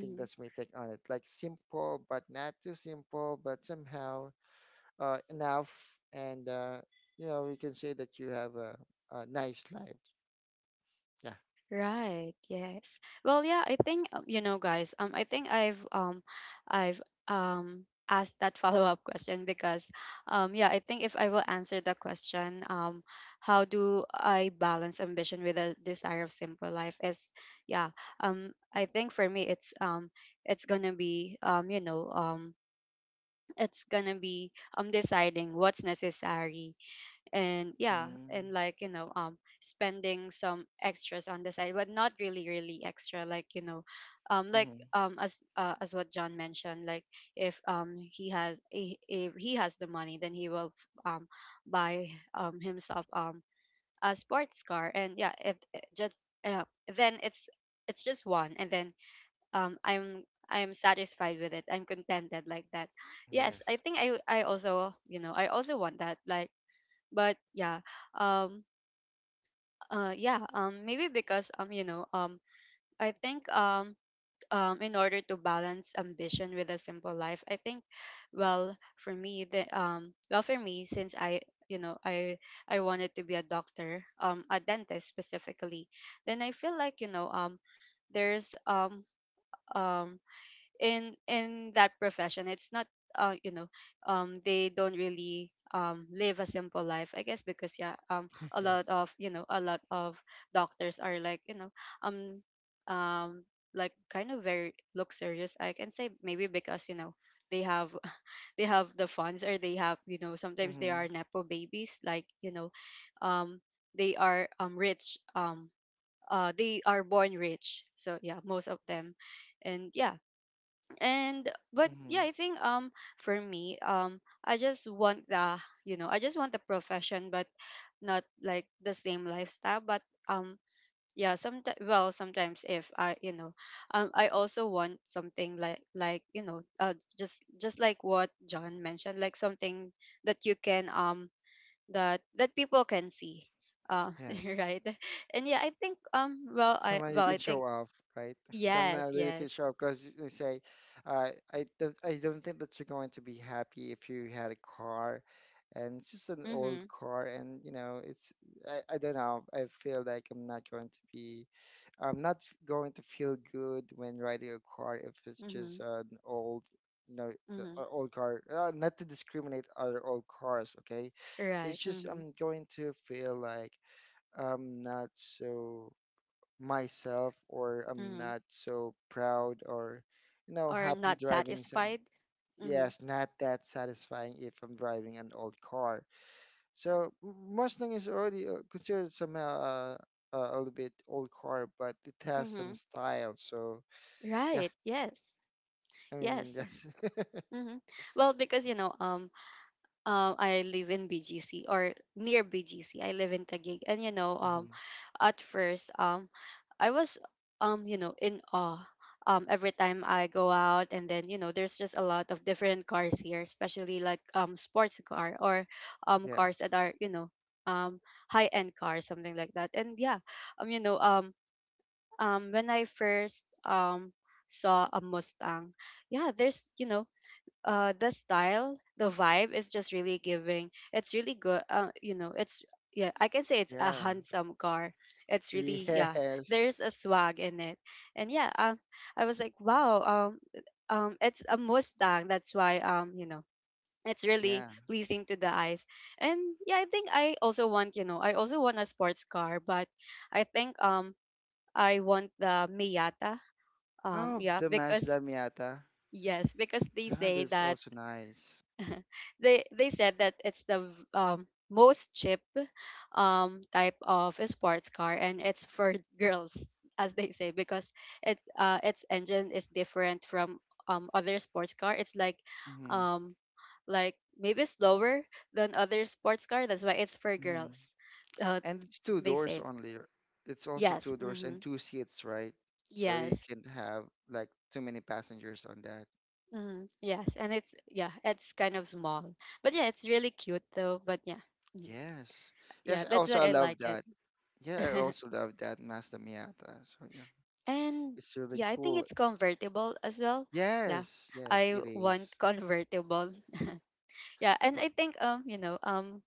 [SPEAKER 3] think that's my take on it. Like simple, but not too simple, but somehow enough, and you know, you can say that you have a nice life. Yeah.
[SPEAKER 1] Right. Yes. Well, yeah, I think you know, guys. I think I've asked that follow-up question because yeah, I think if I will answer the question how do I balance ambition with the desire of simple life, is yeah, I think for me it's gonna be you know it's gonna be deciding what's necessary. And yeah,
[SPEAKER 3] Mm-hmm.
[SPEAKER 1] and like you know spending some extras on the side, but not really really extra, like you know like as what John mentioned, like if he has if he has the money, then he will buy himself a sports car. And yeah, it just uh, then it's just one. And then um i'm I'm satisfied with it, I'm contented like that. Yes, I
[SPEAKER 3] Yes.
[SPEAKER 1] think I also you know I also want that, like but yeah um yeah maybe because you know I think in order to balance ambition with a simple life, I think well, for me, the well, for me, since I you know I wanted to be a doctor, a dentist specifically, then I feel like you know there's um in that profession, it's not you know they don't really live a simple life, I guess. Because yeah, a lot
[SPEAKER 3] Yes.
[SPEAKER 1] of you know a lot of doctors are like you know um um like kind of very luxurious, I can say. Maybe because you know they have they have the funds, or they have you know, sometimes they
[SPEAKER 3] Mm-hmm.
[SPEAKER 1] are nepo babies, like you know, um they are rich, they are born rich, so yeah, most of them. And yeah, and but yeah,
[SPEAKER 3] Mm-hmm.
[SPEAKER 1] I think for me, I just want the you know, I just want the profession, but not like the same lifestyle. But um yeah, sometimes well, sometimes if I you know I also want something like you know just like what John mentioned, like something that you can that that people can see. uh
[SPEAKER 3] Yes.
[SPEAKER 1] right. And yeah, I think well, I
[SPEAKER 3] Somehow you
[SPEAKER 1] well, I
[SPEAKER 3] can show
[SPEAKER 1] think
[SPEAKER 3] off, right?
[SPEAKER 1] yes,
[SPEAKER 3] Somehow that you can
[SPEAKER 1] yes,
[SPEAKER 3] show off. Because they say, I don't think that you're going to be happy if you had a car, and it's just an old
[SPEAKER 1] mm-hmm,
[SPEAKER 3] car, and you know, it's I don't know. I feel like I'm not going to be, I'm not f- going to feel good when riding a car if it's just
[SPEAKER 1] mm-hmm,
[SPEAKER 3] an old. You know,
[SPEAKER 1] hmm.
[SPEAKER 3] old car. Not to discriminate other old cars, okay? It's
[SPEAKER 1] Right.
[SPEAKER 3] just
[SPEAKER 1] Mhm.
[SPEAKER 3] I'm going to feel like I'm not so myself, or I'm
[SPEAKER 1] Mhm.
[SPEAKER 3] not so proud or, you know,
[SPEAKER 1] Or
[SPEAKER 3] happy
[SPEAKER 1] not
[SPEAKER 3] driving some.
[SPEAKER 1] satisfied. Mhm.
[SPEAKER 3] Yes, not that satisfying if I'm driving an old car. So Mustang is already considered somehow a little bit old car, but it has some
[SPEAKER 1] Mhm.
[SPEAKER 3] style. So yeah,
[SPEAKER 1] Right. Yes.
[SPEAKER 3] I mean,
[SPEAKER 1] Yes.
[SPEAKER 3] yes.
[SPEAKER 1] Mhm. Well, because you know, I live in BGC, or near BGC. I live in Taguig, and you know,
[SPEAKER 3] Mhm.
[SPEAKER 1] at first, I was, you know, in awe. Every time I go out, and then you know, there's just a lot of different cars here, especially like sports car, or cars that
[SPEAKER 3] Yes.
[SPEAKER 1] are you know um high end cars, something like that. And yeah, you know, when I first saw a Mustang, yeah, there's you know the style, the vibe is just really giving, it's really good. You know, it's yeah, I can say it's a
[SPEAKER 3] Yeah.
[SPEAKER 1] handsome car. It's really yeah,
[SPEAKER 3] Yes.
[SPEAKER 1] there's a swag in it. And yeah, I was like, wow, it's a Mustang, that's why you know it's really
[SPEAKER 3] Yeah.
[SPEAKER 1] pleasing to the eyes. And yeah, I think I also want you know I also want a sports car, but I think I want the Miata,
[SPEAKER 3] Oh,
[SPEAKER 1] yeah,
[SPEAKER 3] the
[SPEAKER 1] because
[SPEAKER 3] Mazda Miata.
[SPEAKER 1] yes, because they
[SPEAKER 3] Ah,
[SPEAKER 1] say
[SPEAKER 3] that's
[SPEAKER 1] that
[SPEAKER 3] also nice.
[SPEAKER 1] they said that it's the most cheap type of a sports car, and it's for girls, as they say. Because it its engine is different from other sports car, it's
[SPEAKER 3] Hmm.
[SPEAKER 1] um, like maybe slower than other sports car, that's why it's for
[SPEAKER 3] Hmm.
[SPEAKER 1] girls. uh,
[SPEAKER 3] And it's two
[SPEAKER 1] they
[SPEAKER 3] doors
[SPEAKER 1] said,
[SPEAKER 3] only. It's also
[SPEAKER 1] yes,
[SPEAKER 3] two doors
[SPEAKER 1] mm-hmm,
[SPEAKER 3] and two seats, right? So you
[SPEAKER 1] yes,
[SPEAKER 3] can have like too many passengers on that.
[SPEAKER 1] mm-hmm, yes. And it's yeah, it's kind of small, but yeah, it's really cute though. But yeah, mhm.
[SPEAKER 3] Yes. Yes,
[SPEAKER 1] Yeah, that's why
[SPEAKER 3] also I
[SPEAKER 1] I
[SPEAKER 3] love
[SPEAKER 1] like it.
[SPEAKER 3] that. Yeah, I also love that Mazda Miata. So yeah,
[SPEAKER 1] And
[SPEAKER 3] it's really
[SPEAKER 1] yeah, I think
[SPEAKER 3] cool.
[SPEAKER 1] it's convertible as well. Yeah.
[SPEAKER 3] Yes, yes,
[SPEAKER 1] I
[SPEAKER 3] it
[SPEAKER 1] want
[SPEAKER 3] is.
[SPEAKER 1] convertible. Yeah, and
[SPEAKER 3] But
[SPEAKER 1] I think you know,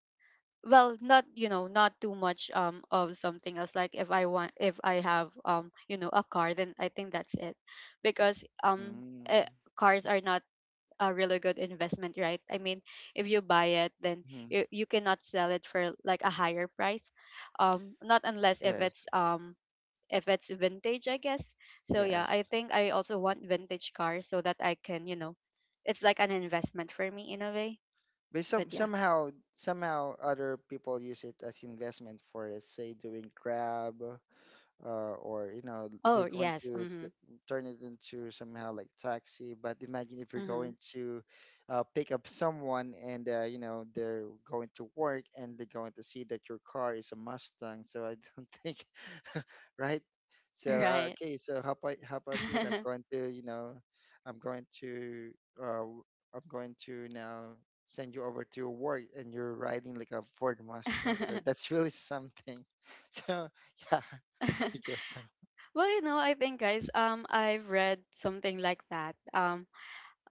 [SPEAKER 1] well, not you know, not too much of something else. Like if I want if I have you know, a car, then I think that's it. Because
[SPEAKER 3] mm,
[SPEAKER 1] cars are not a really good investment, right? I mean, if you buy it, then
[SPEAKER 3] mhm.
[SPEAKER 1] you cannot sell it for like a higher price. Not unless if it's
[SPEAKER 3] Yes,
[SPEAKER 1] if it's vintage, I guess. So yeah,
[SPEAKER 3] yes.
[SPEAKER 1] I think I also want vintage cars, so that I can, you know, it's like an investment for me in a way.
[SPEAKER 3] But some
[SPEAKER 1] But yeah.
[SPEAKER 3] somehow, somehow other people use it as investment for let's say doing Grab, or you know,
[SPEAKER 1] Oh
[SPEAKER 3] they're going
[SPEAKER 1] yes. Mm-hmm.
[SPEAKER 3] turn it into somehow like taxi. But imagine if you're
[SPEAKER 1] Mm-hmm.
[SPEAKER 3] going to pick up someone and you know, they're going to work, and they're going to see that your car is a Mustang. So I don't think, right? So
[SPEAKER 1] Right.
[SPEAKER 3] okay, so how about, how about it. I'm going to, you know, I'm going to uh, I'm going to now send you over to your work and you're riding like a Ford Mustang, so that's really something. So yeah. I guess so.
[SPEAKER 1] Well, you know, I think guys, I've read something like that. Um,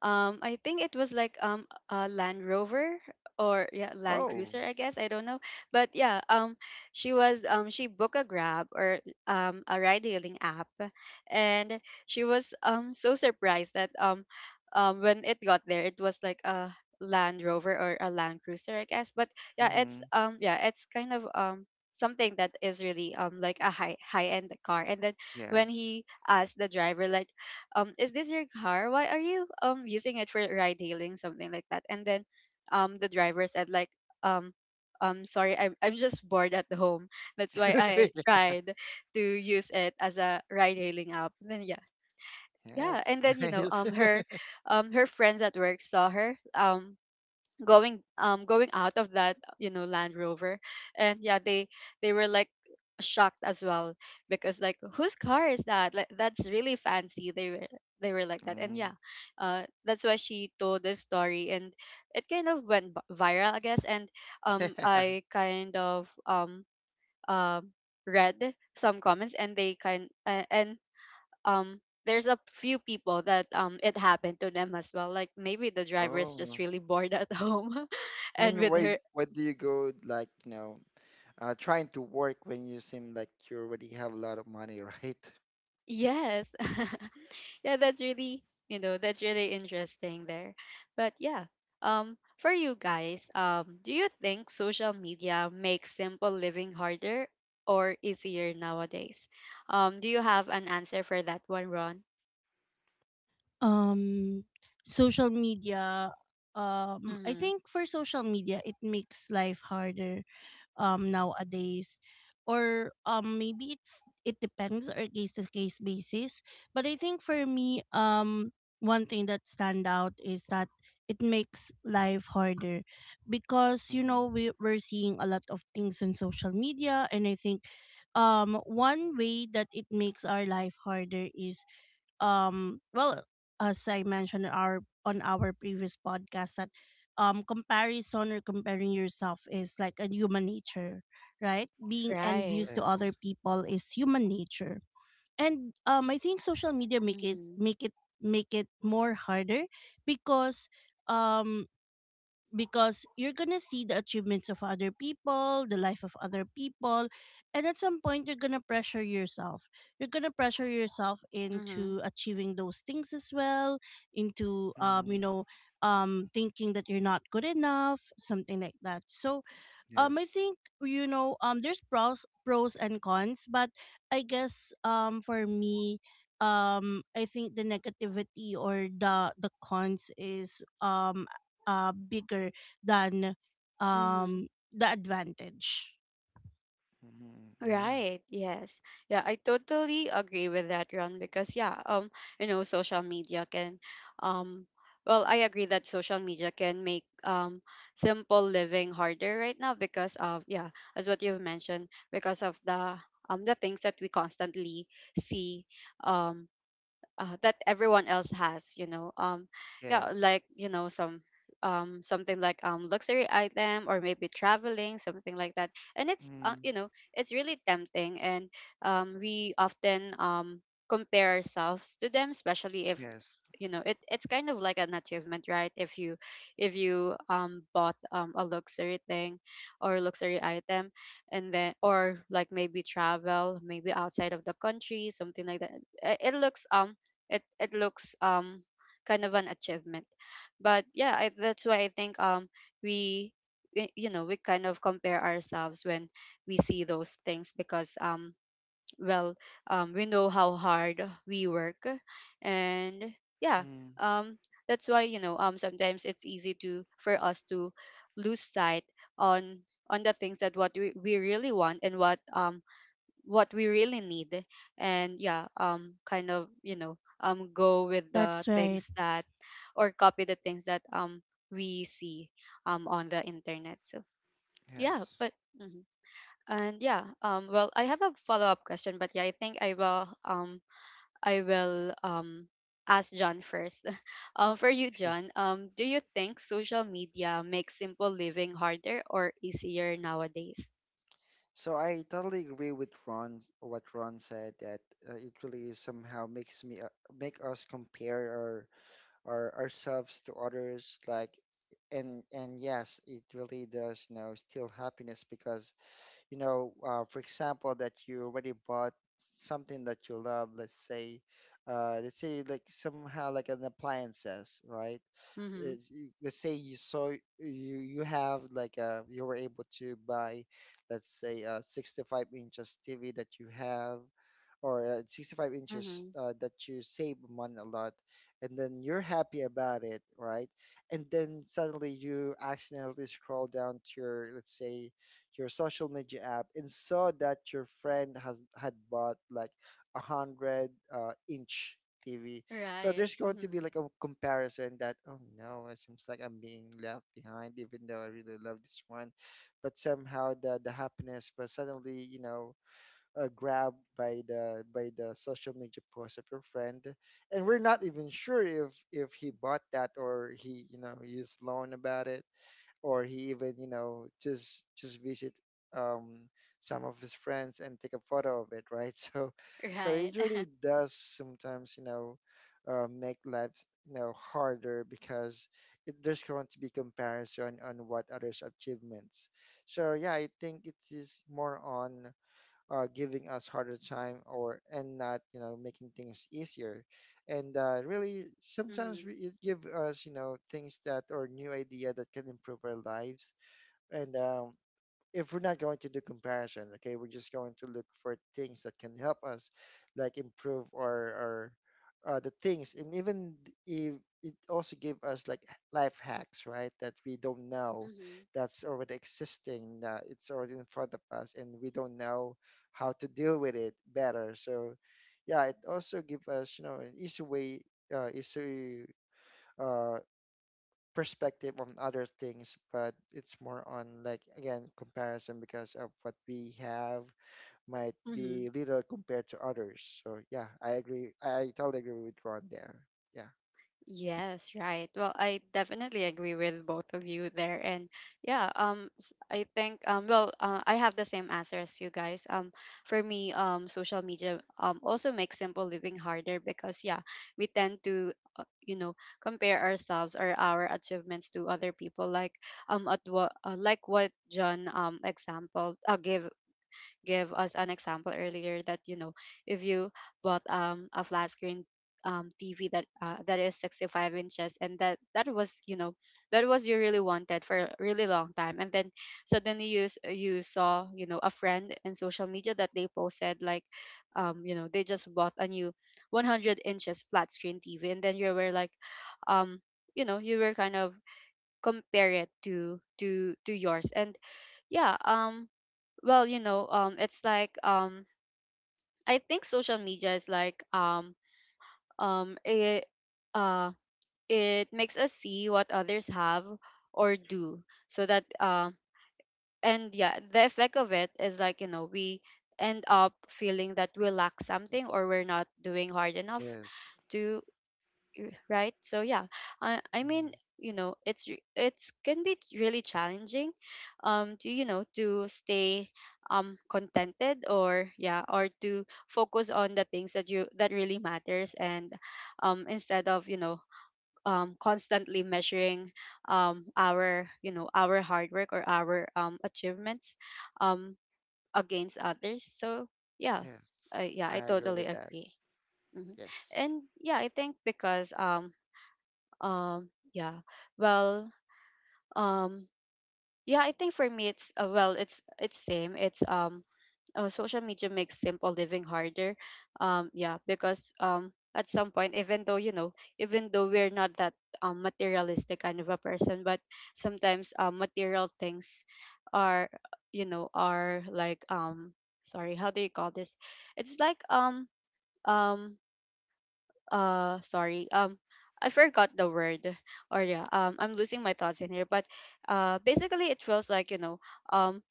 [SPEAKER 1] Um, I think it was like a Land Rover or yeah, Land Cruiser,
[SPEAKER 3] Oh.
[SPEAKER 1] I guess, I don't know. But yeah, she was she booked a Grab or a ride hailing app, and she was so surprised that when it got there, it was like a Land Rover or a Land Cruiser, I guess. But
[SPEAKER 3] Mm
[SPEAKER 1] yeah, it's
[SPEAKER 3] hmm.
[SPEAKER 1] yeah, it's kind of something that is really like a high end car. And then when
[SPEAKER 3] Yes.
[SPEAKER 1] he asked the driver like, is this your car, why are you using it for ride hailing, something like that? And then the driver said like, um sorry, I'm just bored at home, that's why I tried to use it as a ride hailing app, then yeah.
[SPEAKER 3] Yeah,
[SPEAKER 1] Yeah, and then
[SPEAKER 3] it's nice.
[SPEAKER 1] her her friends at work saw her going going out of that, you know, Land Rover. And yeah, they were like shocked as well, because like, whose car is that, like that's really fancy. They were, they were like that. And
[SPEAKER 3] Mm.
[SPEAKER 1] yeah, that's why she told this story, and it kind of went viral, I guess. And I kind of um read some comments, and they kind and um there's a few people that it happened to them as well, like maybe the driver is just
[SPEAKER 3] Oh.
[SPEAKER 1] really bored at home
[SPEAKER 3] I
[SPEAKER 1] and
[SPEAKER 3] mean,
[SPEAKER 1] with
[SPEAKER 3] why
[SPEAKER 1] her.
[SPEAKER 3] why do you go like, you know, trying to work when you seem like you already have a lot of money? Right?
[SPEAKER 1] Yes. Yeah, that's really, you know, that's really interesting there. But yeah, for you guys, do you think social media makes simple living harder or easier nowadays? Do you have an answer for that one, Ron?
[SPEAKER 2] um Social media, I
[SPEAKER 1] Hmm.
[SPEAKER 2] think for social media, it makes life harder nowadays, or maybe it depends, or case to case basis. But I think for me, one thing that stand out is that it makes life harder because, you
[SPEAKER 3] Mm-hmm.
[SPEAKER 2] know, we're seeing a lot of things in social media, and I think one way that it makes our life harder is well, as I mentioned in our on our previous podcast, that comparison, or comparing yourself, is like a human nature, right? Being
[SPEAKER 3] Yes.
[SPEAKER 1] Right.
[SPEAKER 2] envious to other
[SPEAKER 3] Yes.
[SPEAKER 2] people is human nature. And I think social media
[SPEAKER 1] Mm-hmm.
[SPEAKER 2] make it more harder, because um you're gonna see the achievements of other people, the life of other people, and at some point you're gonna pressure yourself. You're gonna pressure yourself
[SPEAKER 1] Mm-hmm.
[SPEAKER 2] into achieving those things as well, into, you
[SPEAKER 3] Mm-hmm.
[SPEAKER 2] know, thinking that you're not good enough, something like that. So I
[SPEAKER 3] Yes.
[SPEAKER 2] think, you know, there's pros and cons, but I guess for me, I think the negativity, or the cons, is bigger than
[SPEAKER 1] Mm-hmm.
[SPEAKER 2] um the advantage.
[SPEAKER 3] Mm-hmm. Yeah.
[SPEAKER 1] Right. Yes. Yeah, I totally agree with that, Ron, because yeah, you know, social media can um well, I agree that social media can make simple living harder right now because of, yeah, as what you've mentioned, because of the things that we constantly see, um that everyone else has, yeah,
[SPEAKER 3] Yes.
[SPEAKER 1] like, you know, some something like luxury item, or maybe traveling something like that. And it's
[SPEAKER 3] Mm.
[SPEAKER 1] you know, it's really tempting. And we often compare ourselves to them, especially if,
[SPEAKER 3] Yes.
[SPEAKER 1] you know, it's kind of like an achievement, right? If you, if you bought a luxury thing or luxury item, and then, or like maybe travel maybe outside of the country, something like that, it looks it looks kind of an achievement. But yeah, that's why I think we, you know, we kind of compare ourselves when we see those things, because well, we know how hard we work. And yeah,
[SPEAKER 3] Mm.
[SPEAKER 1] um that's why, you know, sometimes it's easy to for us to lose sight on on the things that what we really want, and what we really need. And yeah, kind of, you know, go with the
[SPEAKER 2] That's right.
[SPEAKER 1] things that, or copy the things that we see on the internet. So yeah.
[SPEAKER 3] Yes.
[SPEAKER 1] But mhm. And yeah, well, I have a follow-up question, but yeah, I think I will I will ask John first. For you, John, do you think social media makes simple living harder or easier nowadays?
[SPEAKER 3] So I totally agree with Ron, what Ron said, that it really somehow makes me make us compare our ourselves to others. Like, and yes, it really does, you know, steal happiness. Because you know, for example, that you already bought something that you love. Let's say like somehow like an appliances, right?
[SPEAKER 1] Mm-hmm.
[SPEAKER 3] Let's say you saw, you have like you were able to buy, let's say a 65 inches TV that you have, or 65 inches
[SPEAKER 1] Mm-hmm.
[SPEAKER 3] that you save money a lot, and then you're happy about it, right? And then suddenly you accidentally scroll down to your, let's say your social media app, and saw that your friend has had bought like 100 inch TV. So
[SPEAKER 1] Right.
[SPEAKER 3] there's going to be
[SPEAKER 1] Mm-hmm.
[SPEAKER 3] like a comparison that, oh no, it seems like I'm being left behind, even though I really love this one. But somehow the happiness was suddenly, you know, grabbed by the, by the social media post of your friend, and we're not even sure if he bought that or he, you know, used loan about it, or he even, you know, just visit um some of his friends and take a photo of it, right? So, so
[SPEAKER 1] Right.
[SPEAKER 3] it really does sometimes, you know, make life, you know, harder, because it, there's going to be comparison on what others achievements. So yeah, I think it is more on giving us harder time or and not, you know, making things easier. And really sometimes
[SPEAKER 1] Mm-hmm.
[SPEAKER 3] it give us, you know, things that or new idea that can improve our lives. And if we're not going to do comparison, okay, we're just going to look for things that can help us, like improve our the things, and even if it also give us like life hacks, right? That we don't know,
[SPEAKER 1] Mm-hmm.
[SPEAKER 3] that's already existing. It's already in front of us, and we don't know how to deal with it better. So, yeah, it also give us, you know, an easy way, easy. Uh, perspective on other things, but it's more on like again comparison because of what we have might
[SPEAKER 1] Mm-hmm.
[SPEAKER 3] be little compared to others. So yeah, I agree. I totally agree with Ron there. Yeah.
[SPEAKER 1] Yes, right. Well, I definitely agree with both of you there. And yeah, I think well, I have the same answer as you guys. For me, social media also makes simple living harder, because yeah, we tend to you know, compare ourselves or our achievements to other people, like at what like what John example gave, give us an example earlier, that, you know, if you bought a flat screen TV that that is 65 inches, and that that was, you know, that was you really wanted for a really long time, and then suddenly you you saw, you know, a friend in social media that they posted like, you know, they just bought a new 100 inches flat screen TV, and then you were like, um you know, you were kind of compare it to to yours. And yeah, well, you know, it's like I think social media is like it uh it makes us see what others have or do. So that and yeah, the effect of it is like, you know, we end up feeling that we lack something, or we're not doing hard enough
[SPEAKER 3] Yes.
[SPEAKER 1] to, right? So yeah, I
[SPEAKER 3] Hmm.
[SPEAKER 1] mean, you know, it's it's, can be really challenging to, you know, to stay contented, or yeah, or to focus on the things that you that really matters. And instead of, you know, constantly measuring our, you know, our hard work, or our achievements um against others. So yeah.
[SPEAKER 3] Yes.
[SPEAKER 1] Yeah,
[SPEAKER 3] I
[SPEAKER 1] I
[SPEAKER 3] agree
[SPEAKER 1] totally
[SPEAKER 3] with that.
[SPEAKER 1] agree. Mhm.
[SPEAKER 3] Yes.
[SPEAKER 1] And yeah, I think because yeah, well, um yeah, I think for me it's well, it's same, it's social media makes simple living harder. Yeah, because at some point, even though, you know, even though we're not that materialistic kind of a person, but sometimes material things are, you know, are like sorry, how do you call this? It's like um sorry, I forgot the word. Or yeah, I'm losing my thoughts in here, but basically it feels like, you know, um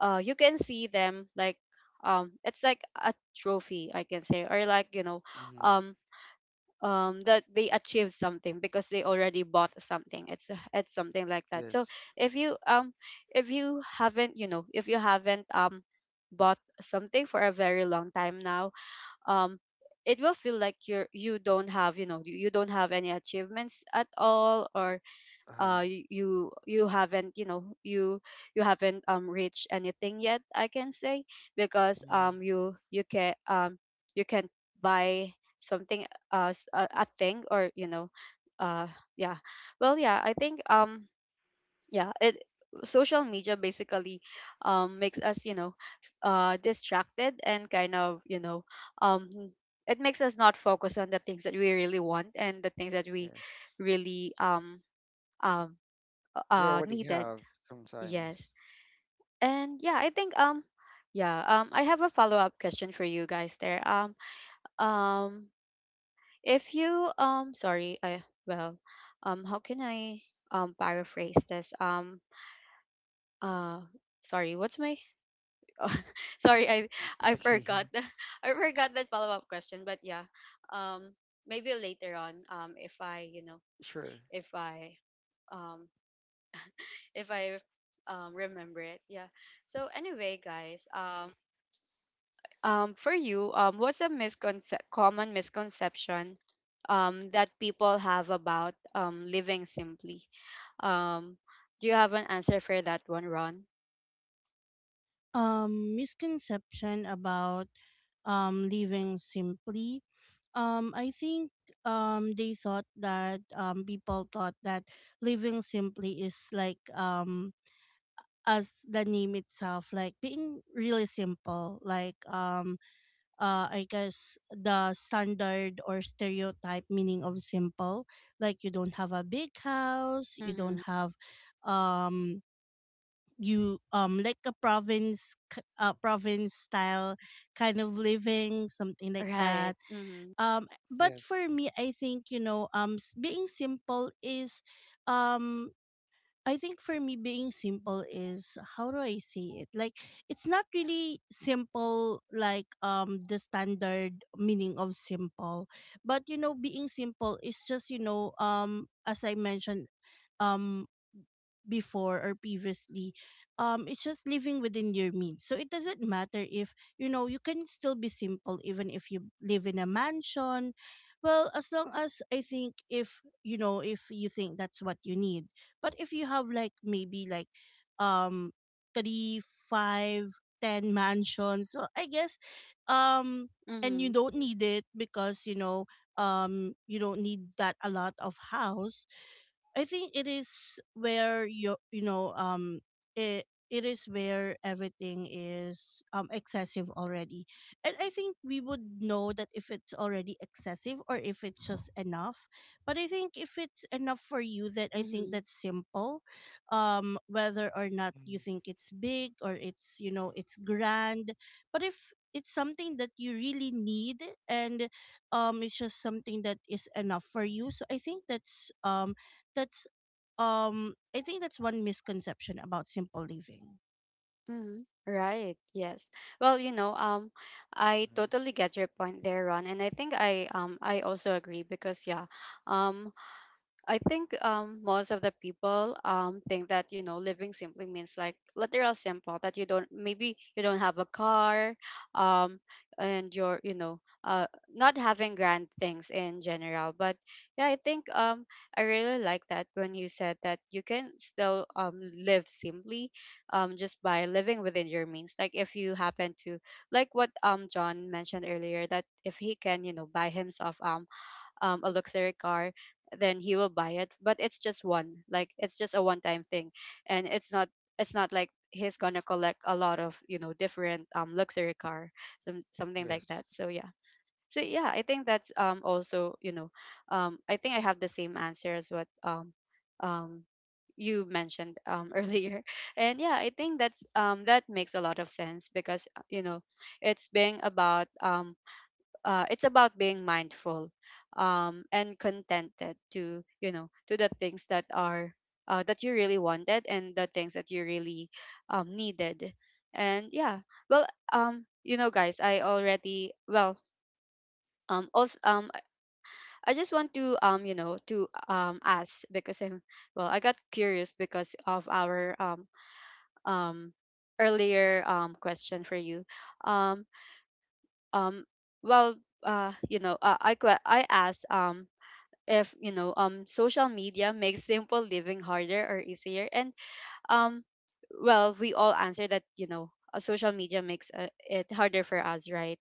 [SPEAKER 1] you can see them like it's like a trophy, I can say, or like, you know,
[SPEAKER 3] Hmm.
[SPEAKER 1] um that they achieved something because they already bought something, it's something like that. So
[SPEAKER 3] Yes.
[SPEAKER 1] if you um if you haven't, you know, if you haven't bought something for a very long time now, um it will feel like you don't have, you know, you don't have any achievements at all. Or
[SPEAKER 3] Uh huh.
[SPEAKER 1] you, you haven't, you know, you haven't reached anything yet, I can say. Because
[SPEAKER 3] Hmm.
[SPEAKER 1] you, you can buy something, a thing, or you know, uh yeah. Well yeah, I think yeah, it, social media basically makes us, you know, distracted, and kind of, you know, um it makes us not focus on the things that we really want, and the things that we
[SPEAKER 3] Yes.
[SPEAKER 1] really um
[SPEAKER 3] We already
[SPEAKER 1] needed.
[SPEAKER 3] have sometimes.
[SPEAKER 1] Yes. And yeah, I think yeah, I have a follow up question for you guys there. Um if you sorry, I well, how can I paraphrase this, uh sorry, what's my, Oh, sorry, I
[SPEAKER 3] Okay.
[SPEAKER 1] forgot the I forgot that follow-up question, but yeah, um maybe later on, if I, you know,
[SPEAKER 3] Sure.
[SPEAKER 1] if I um if I remember it. Yeah, so anyway guys, for you, what's a common misconception that people have about living simply? um do you have an answer for that one, Ron?
[SPEAKER 2] Misconception about living simply. I think they thought that people thought that living simply is like, as the name itself, like being really simple, like I guess the standard or stereotype meaning of simple, like you don't have a big house, you
[SPEAKER 1] Mm-hmm.
[SPEAKER 2] don't have, um you like a province style kind of living, something like
[SPEAKER 1] Right.
[SPEAKER 2] that.
[SPEAKER 1] Mm-hmm.
[SPEAKER 2] But
[SPEAKER 3] Yes.
[SPEAKER 2] for me, I think, you know, being simple is, um I think for me, being simple is, how do I say it? Like, it's not really simple, like the standard meaning of simple, but, you know, being simple is just, you know, as I mentioned, um before or previously, it's just living within your means, so it doesn't matter if, you know, you can still be simple even if you live in a mansion, well, as long as, I think, if you know, if you think that's what you need. But if you have, like, maybe, like, um three five ten mansions, well, I guess, um and you
[SPEAKER 1] Mm-hmm.
[SPEAKER 2] don't need it, because, you know, you don't need that a lot of house. I think it is where you know, it is where everything is excessive already. And I think we would know that if it's already excessive or if it's just enough. But I think if it's enough for you, that I think
[SPEAKER 1] Mm-hmm.
[SPEAKER 2] that's simple. Whether or not
[SPEAKER 3] Hmm.
[SPEAKER 2] you think it's big, or it's you know, it's grand. But if it's something that you really need, and it's just something that is enough for you, so I think that's that's I think that's one misconception about simple living.
[SPEAKER 1] Mm, right. Yes. Well, you know, I totally get your point there, Ron, and I think I also agree, because yeah, um, I think most of the people think that, you know, living simply means like literal simple, that you don't, maybe you don't have a car, um, and you're, you know, not having grand things in general. But yeah, I think I really like that when you said that you can still live simply, just by living within your means. Like if you happen to, like what John mentioned earlier, that if he can, you know, buy himself a luxury car, then he will buy it. But it's just one, like it's just a one-time thing, and it's not, it's not like he's gonna collect a lot of, you know, different luxury car, some something like
[SPEAKER 3] Yes.
[SPEAKER 1] that. So yeah. So yeah, I think that's also I think I have the same answer as what um you mentioned earlier. And yeah, I think that's that makes a lot of sense because it's being about it's about being mindful, and contented to to the things that are that you really wanted, and the things that you really needed. And yeah, well, guys, I already, well, also, I just want to to ask, because I'm, well, I got curious because of our um earlier question for you. um um well, I asked, if social media makes simple living harder or easier. And um well, we all answer that, social media makes, it harder for us, right?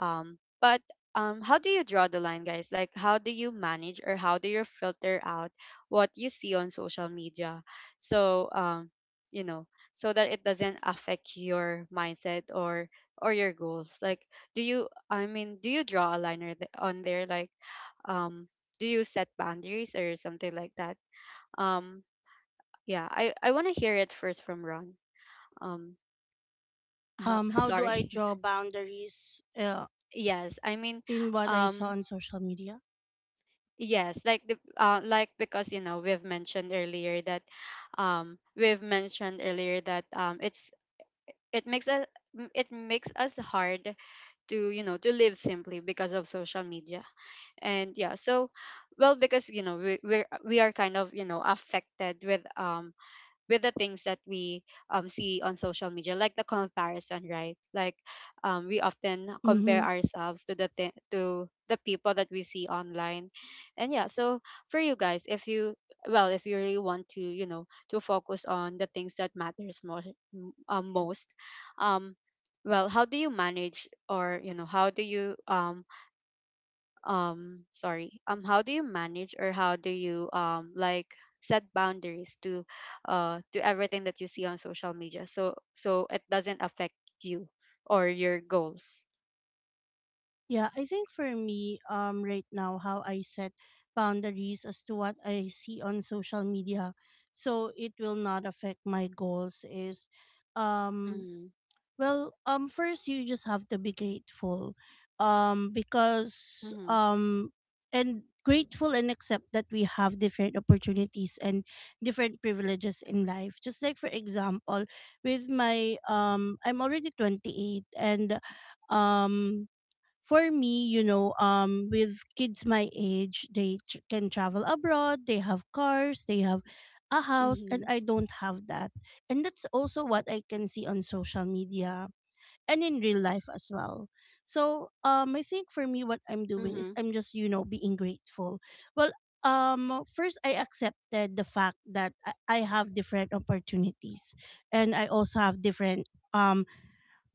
[SPEAKER 1] But how do you draw the line, guys? Like, how do you manage, or how do you filter out what you see on social media, so you know so that it doesn't affect your mindset, or your goals? Like, do you, I mean, do you draw a line, or on there, like um do you set boundaries or something like that? um yeah, I want to hear it first from Ron. um
[SPEAKER 2] How do I
[SPEAKER 1] Sorry.
[SPEAKER 2] draw boundaries,
[SPEAKER 1] Yes, I mean,
[SPEAKER 2] in what I saw
[SPEAKER 1] um
[SPEAKER 2] on social media?
[SPEAKER 1] yes, like the, like, because you know we've mentioned earlier that it's, it makes us, it makes us hard to you know to live simply because of social media. And yeah, so, well, because you know we are kind of you know affected with the things that we, see on social media, like the comparison, right? Like, we often compare
[SPEAKER 2] Mhm.
[SPEAKER 1] ourselves to the to the people that we see online. And yeah, so for you guys, if you, well, if you really want to you know to focus on the things that matters most, um, most um well, how do you manage, or you know how do you sorry, how do you manage, or how do you like set boundaries to, uh, to everything that you see on social media, so so it doesn't affect you or your goals?
[SPEAKER 2] Yeah, I think for me, right now, how I set boundaries as to what I see on social media so it will not affect my goals is. um
[SPEAKER 1] Mm-hmm.
[SPEAKER 2] Well, first, you just have to be grateful, because,
[SPEAKER 1] Mm-hmm.
[SPEAKER 2] and accept that we have different opportunities and different privileges in life. Just like, for example, with my I'm already 28, and um, for me, you know, with kids my age, they can travel abroad, they have cars, they have a house, and
[SPEAKER 1] Mm-hmm.
[SPEAKER 2] I don't have that, and that's also what I can see on social media and in real life as well. So I think for me, what I'm doing is,
[SPEAKER 1] Mm-hmm.
[SPEAKER 2] I'm just, you know, being grateful. Well, first, I accepted the fact that I have different opportunities, and I also have different. um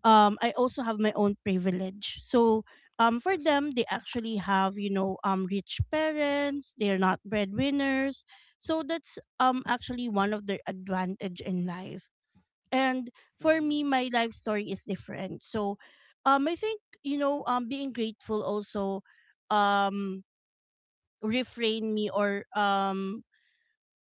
[SPEAKER 2] I also have my own privilege. So for
[SPEAKER 3] Yes.
[SPEAKER 2] them, they actually have, you know, rich parents, they're not breadwinners. So that's actually one of their advantage in life, and for
[SPEAKER 3] Mm-hmm.
[SPEAKER 2] me, my life story is different. So, I think, you know, being grateful also, um, refrain me, or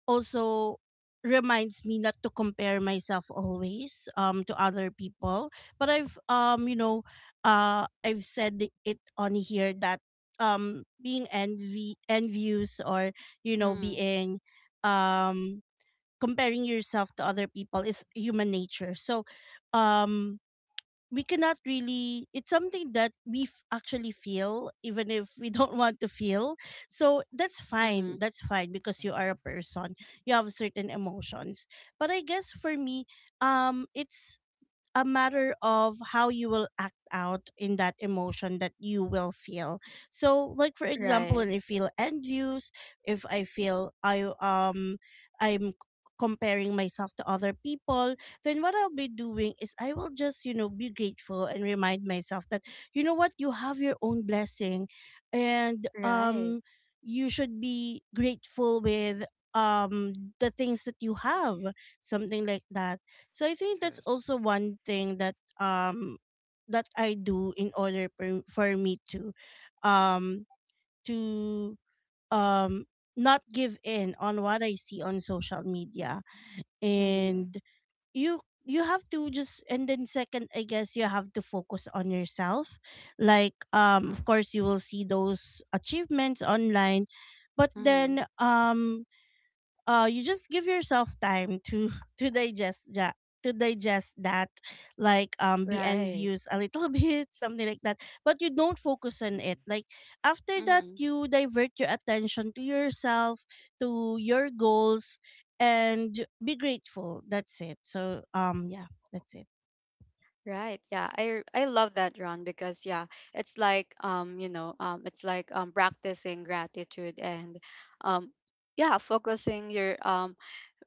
[SPEAKER 2] also reminds me not to compare myself always to other people. But I've you know, I've said it on here that being envy envious, or, you know,
[SPEAKER 1] Mm-hmm.
[SPEAKER 2] being um comparing yourself to other people is human nature. So, um, we cannot really. It's something that we actually feel, even if we don't want to feel. So that's
[SPEAKER 1] Mm-hmm.
[SPEAKER 2] fine. That's fine, because you
[SPEAKER 3] Hmm.
[SPEAKER 2] are a person. You have certain emotions. But I guess for me, it's a matter of how you will act out in that emotion that you will feel. So like, for example, when
[SPEAKER 1] Right.
[SPEAKER 2] I feel envious, if I feel I'm comparing myself to other people, then what I'll be doing is, I will just, you know, be grateful and remind myself that, you know what, you have your own blessing, and
[SPEAKER 1] Right.
[SPEAKER 2] you should be grateful with um the things that you have, something like that. So I think that's
[SPEAKER 3] Yes.
[SPEAKER 2] also one thing um that I do, in order for, me um to um not give in on what I see on social media.
[SPEAKER 1] Mm-hmm.
[SPEAKER 3] Mm-hmm.
[SPEAKER 2] And you you have to just. And then second, I guess, you have to focus on yourself, like, of course you will see those achievements online, but
[SPEAKER 1] Mm-hmm.
[SPEAKER 2] then you just give yourself time to to digest that, to digest that. Like, be
[SPEAKER 1] Right.
[SPEAKER 2] envious a little bit, something like that. But you don't focus on it.
[SPEAKER 3] Hmm.
[SPEAKER 2] Like, after that,
[SPEAKER 1] Mm-hmm.
[SPEAKER 2] you divert your attention to yourself, to your goals, and be grateful. That's it. So, yeah, that's it.
[SPEAKER 1] Right. Yeah. I love that, Ron, because yeah, it's like, it's like practicing gratitude, and um yeah, focusing your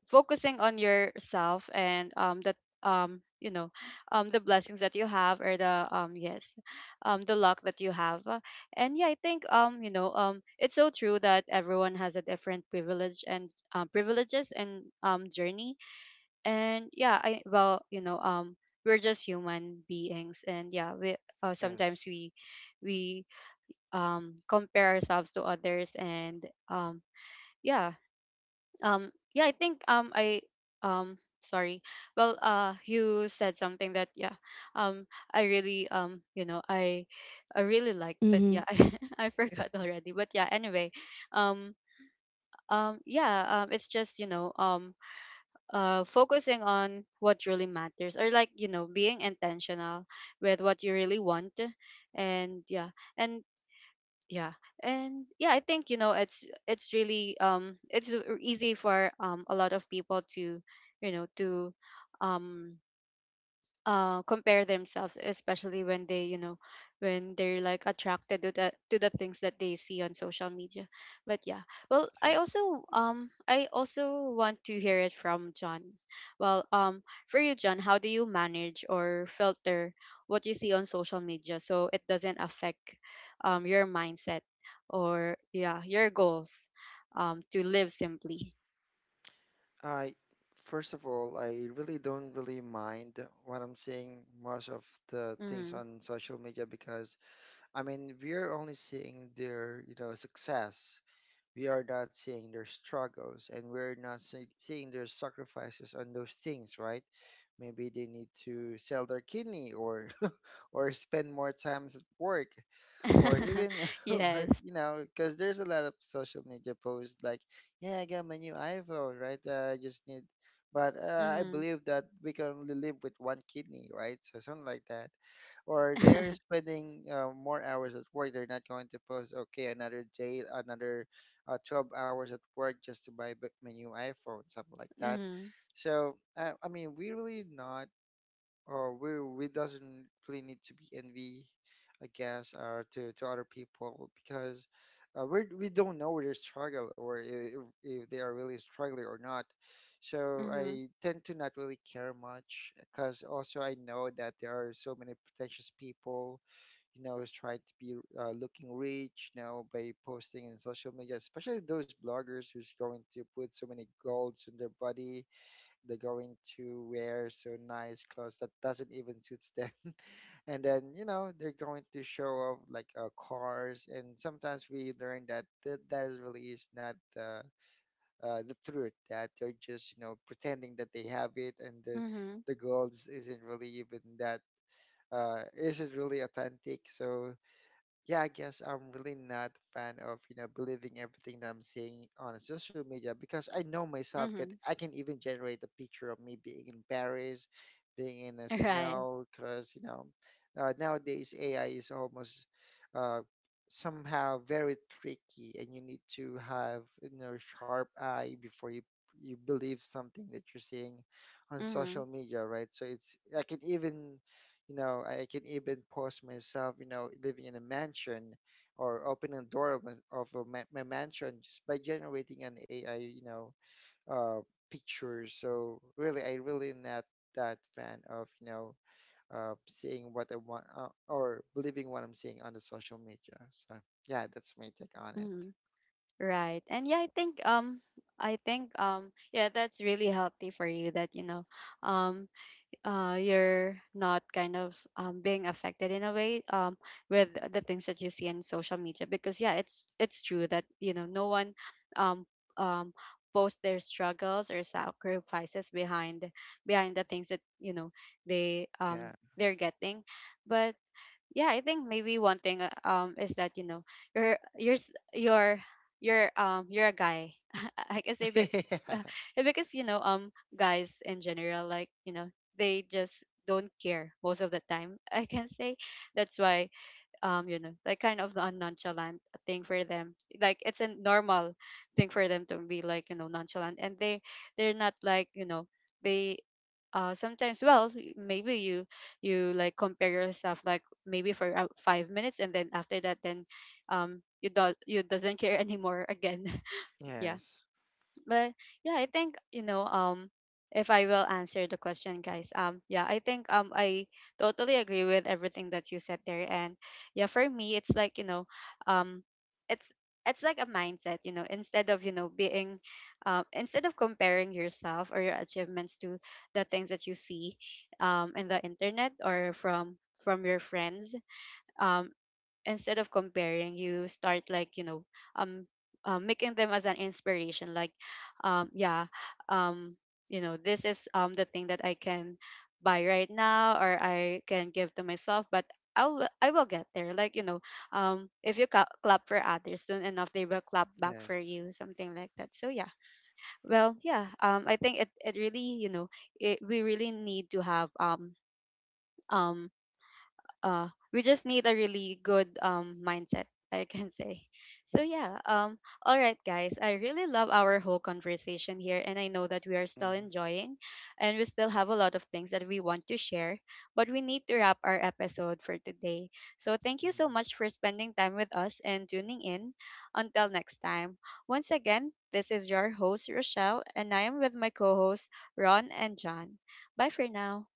[SPEAKER 1] focusing on yourself, and that, um you know the blessings that you have, or the yes, the luck that you have. And yeah, I think it's so true that everyone has a different privilege, and, privileges, and journey. And yeah, I, well, we're just human beings, and yeah we, sometimes
[SPEAKER 3] Yes,
[SPEAKER 1] we compare ourselves to others, and um yeah, um yeah, I think I sorry, well, you said something that yeah, um I really, I really like, but
[SPEAKER 2] Mm-hmm.
[SPEAKER 1] yeah, I forgot already, but yeah, anyway, um yeah, it's just you know focusing on what really matters, or like you know being intentional with what you really want. And yeah, and yeah, and yeah, I think you know it's really it's easy for a lot of people to you know to um compare themselves, especially when they, you know, when they're like attracted to the things that they see on social media. But yeah, well,
[SPEAKER 3] yes.
[SPEAKER 1] I also want to hear it from John. Well, for you, John, how do you manage or filter what you see on social media, so it doesn't affect your mindset, or yeah your goals, to live simply.
[SPEAKER 3] I, first of all, I really don't really mind what I'm seeing most of the things
[SPEAKER 1] Mm-hmm.
[SPEAKER 3] on social media. Because I mean we're only seeing their, you know, success. We are not seeing their struggles, and we're not seeing their sacrifices on those things, right? Maybe they need to sell their kidney or or spend more time at work or even or,
[SPEAKER 1] Yes.
[SPEAKER 3] you know, because there's a lot of social media posts like, yeah, I got my new iPhone, right, I just need, but I
[SPEAKER 1] Mm-hmm.
[SPEAKER 3] believe that we can only live with one kidney, right? So something like that. Or they're spending more hours at work. They're not going to post, okay, another day another 12 hours at work just to buy my new iPhone, something like that.
[SPEAKER 1] Hmm.
[SPEAKER 3] So I mean we really not we we doesn't really need to be envy, I guess, or to other people because we don't know their struggle, or if they are really struggling or not. So
[SPEAKER 1] Mhm.
[SPEAKER 3] I tend to not really care much, because also I know that there are so many pretentious people, you know, who's trying to be looking rich, you know, by posting in social media, especially those bloggers who's going to put so many golds in their body, they're going to wear so nice clothes that doesn't even suits them, and then you know, they're going to show off like cars, and sometimes we learn that that is really is not the the truth, that they're just, you know, pretending that they have it, and the
[SPEAKER 1] Mhm.
[SPEAKER 3] the goals isn't really even that isn't really authentic. So yeah, I guess I'm really not a fan of, you know, believing everything that I'm seeing on social media, because I know myself that
[SPEAKER 1] Mhm.
[SPEAKER 3] I can even generate a picture of me being in Paris, being in the
[SPEAKER 1] Right.
[SPEAKER 3] snow, because, you know, nowadays AI is almost uh, somehow very tricky, and you need to have, you know, sharp eye before you, you believe something that you're seeing on social
[SPEAKER 1] Mhm.
[SPEAKER 3] media, right? So it's, I can even, you know, I can even post myself, you know, living in a mansion or opening a door of, of a ma my mansion just by generating an AI, you know, uh, picture. So really, I really not that fan of, you know, seeing what I want or believing what I'm seeing on the social media. So yeah, that's my take on it.
[SPEAKER 1] Mhm. Right. And yeah, I think yeah, that's really healthy for you that you know um you're not kind of being affected in a way, with the things that you see in social media, because yeah, it's true that you know no one um um posts their struggles or sacrifices behind, behind the things that you know they
[SPEAKER 3] Yeah.
[SPEAKER 1] they're getting. But yeah, I think maybe one thing, is that you know, you're you're s- you're you're you're a guy, I can say, but uh, because you know guys in general, like you know, they just don't care most of the time, I can say. That's why you know, like kind of a nonchalant thing for them. Like, it's a normal thing for them to be like you know nonchalant, and they they're not like you know they sometimes, well maybe you, you like compare yourself like maybe for 5 minutes, and then after that, then you do, you doesn't care anymore again. Yeah.
[SPEAKER 3] Yes.
[SPEAKER 1] But yeah, I think, you know, if I will answer the question, guys, yeah, I think I totally agree with everything that you said there. And yeah, for me it's like, you know, um it's it's like a mindset, you know, instead of, you know, being instead of comparing yourself or your achievements to the things that you see in the internet, or from your friends, um instead of comparing, you start like you know, um, making them as an inspiration, like, yeah, um you know, this is the thing that I can buy right now, or I can give to myself, but I'll, I will get there. Like, you know, if you clap for others, soon enough, they will clap back for
[SPEAKER 3] Yes.
[SPEAKER 1] you, something like that. So, yeah. Well, yeah. I think it, it really, you know, it, we really need to have um, we just need a really good mindset, I can say. So yeah, all right, guys, I really love our whole conversation here, and I know that we are still
[SPEAKER 3] Mhm.
[SPEAKER 1] enjoying and we still have a lot of things that we want to share, but we need to wrap our episode for today. So thank you so
[SPEAKER 3] Mhm.
[SPEAKER 1] much for spending time with us and tuning in. Until next time, once again, this is your host Rochelle, and I am with my co-hosts Ron and John. Bye for now.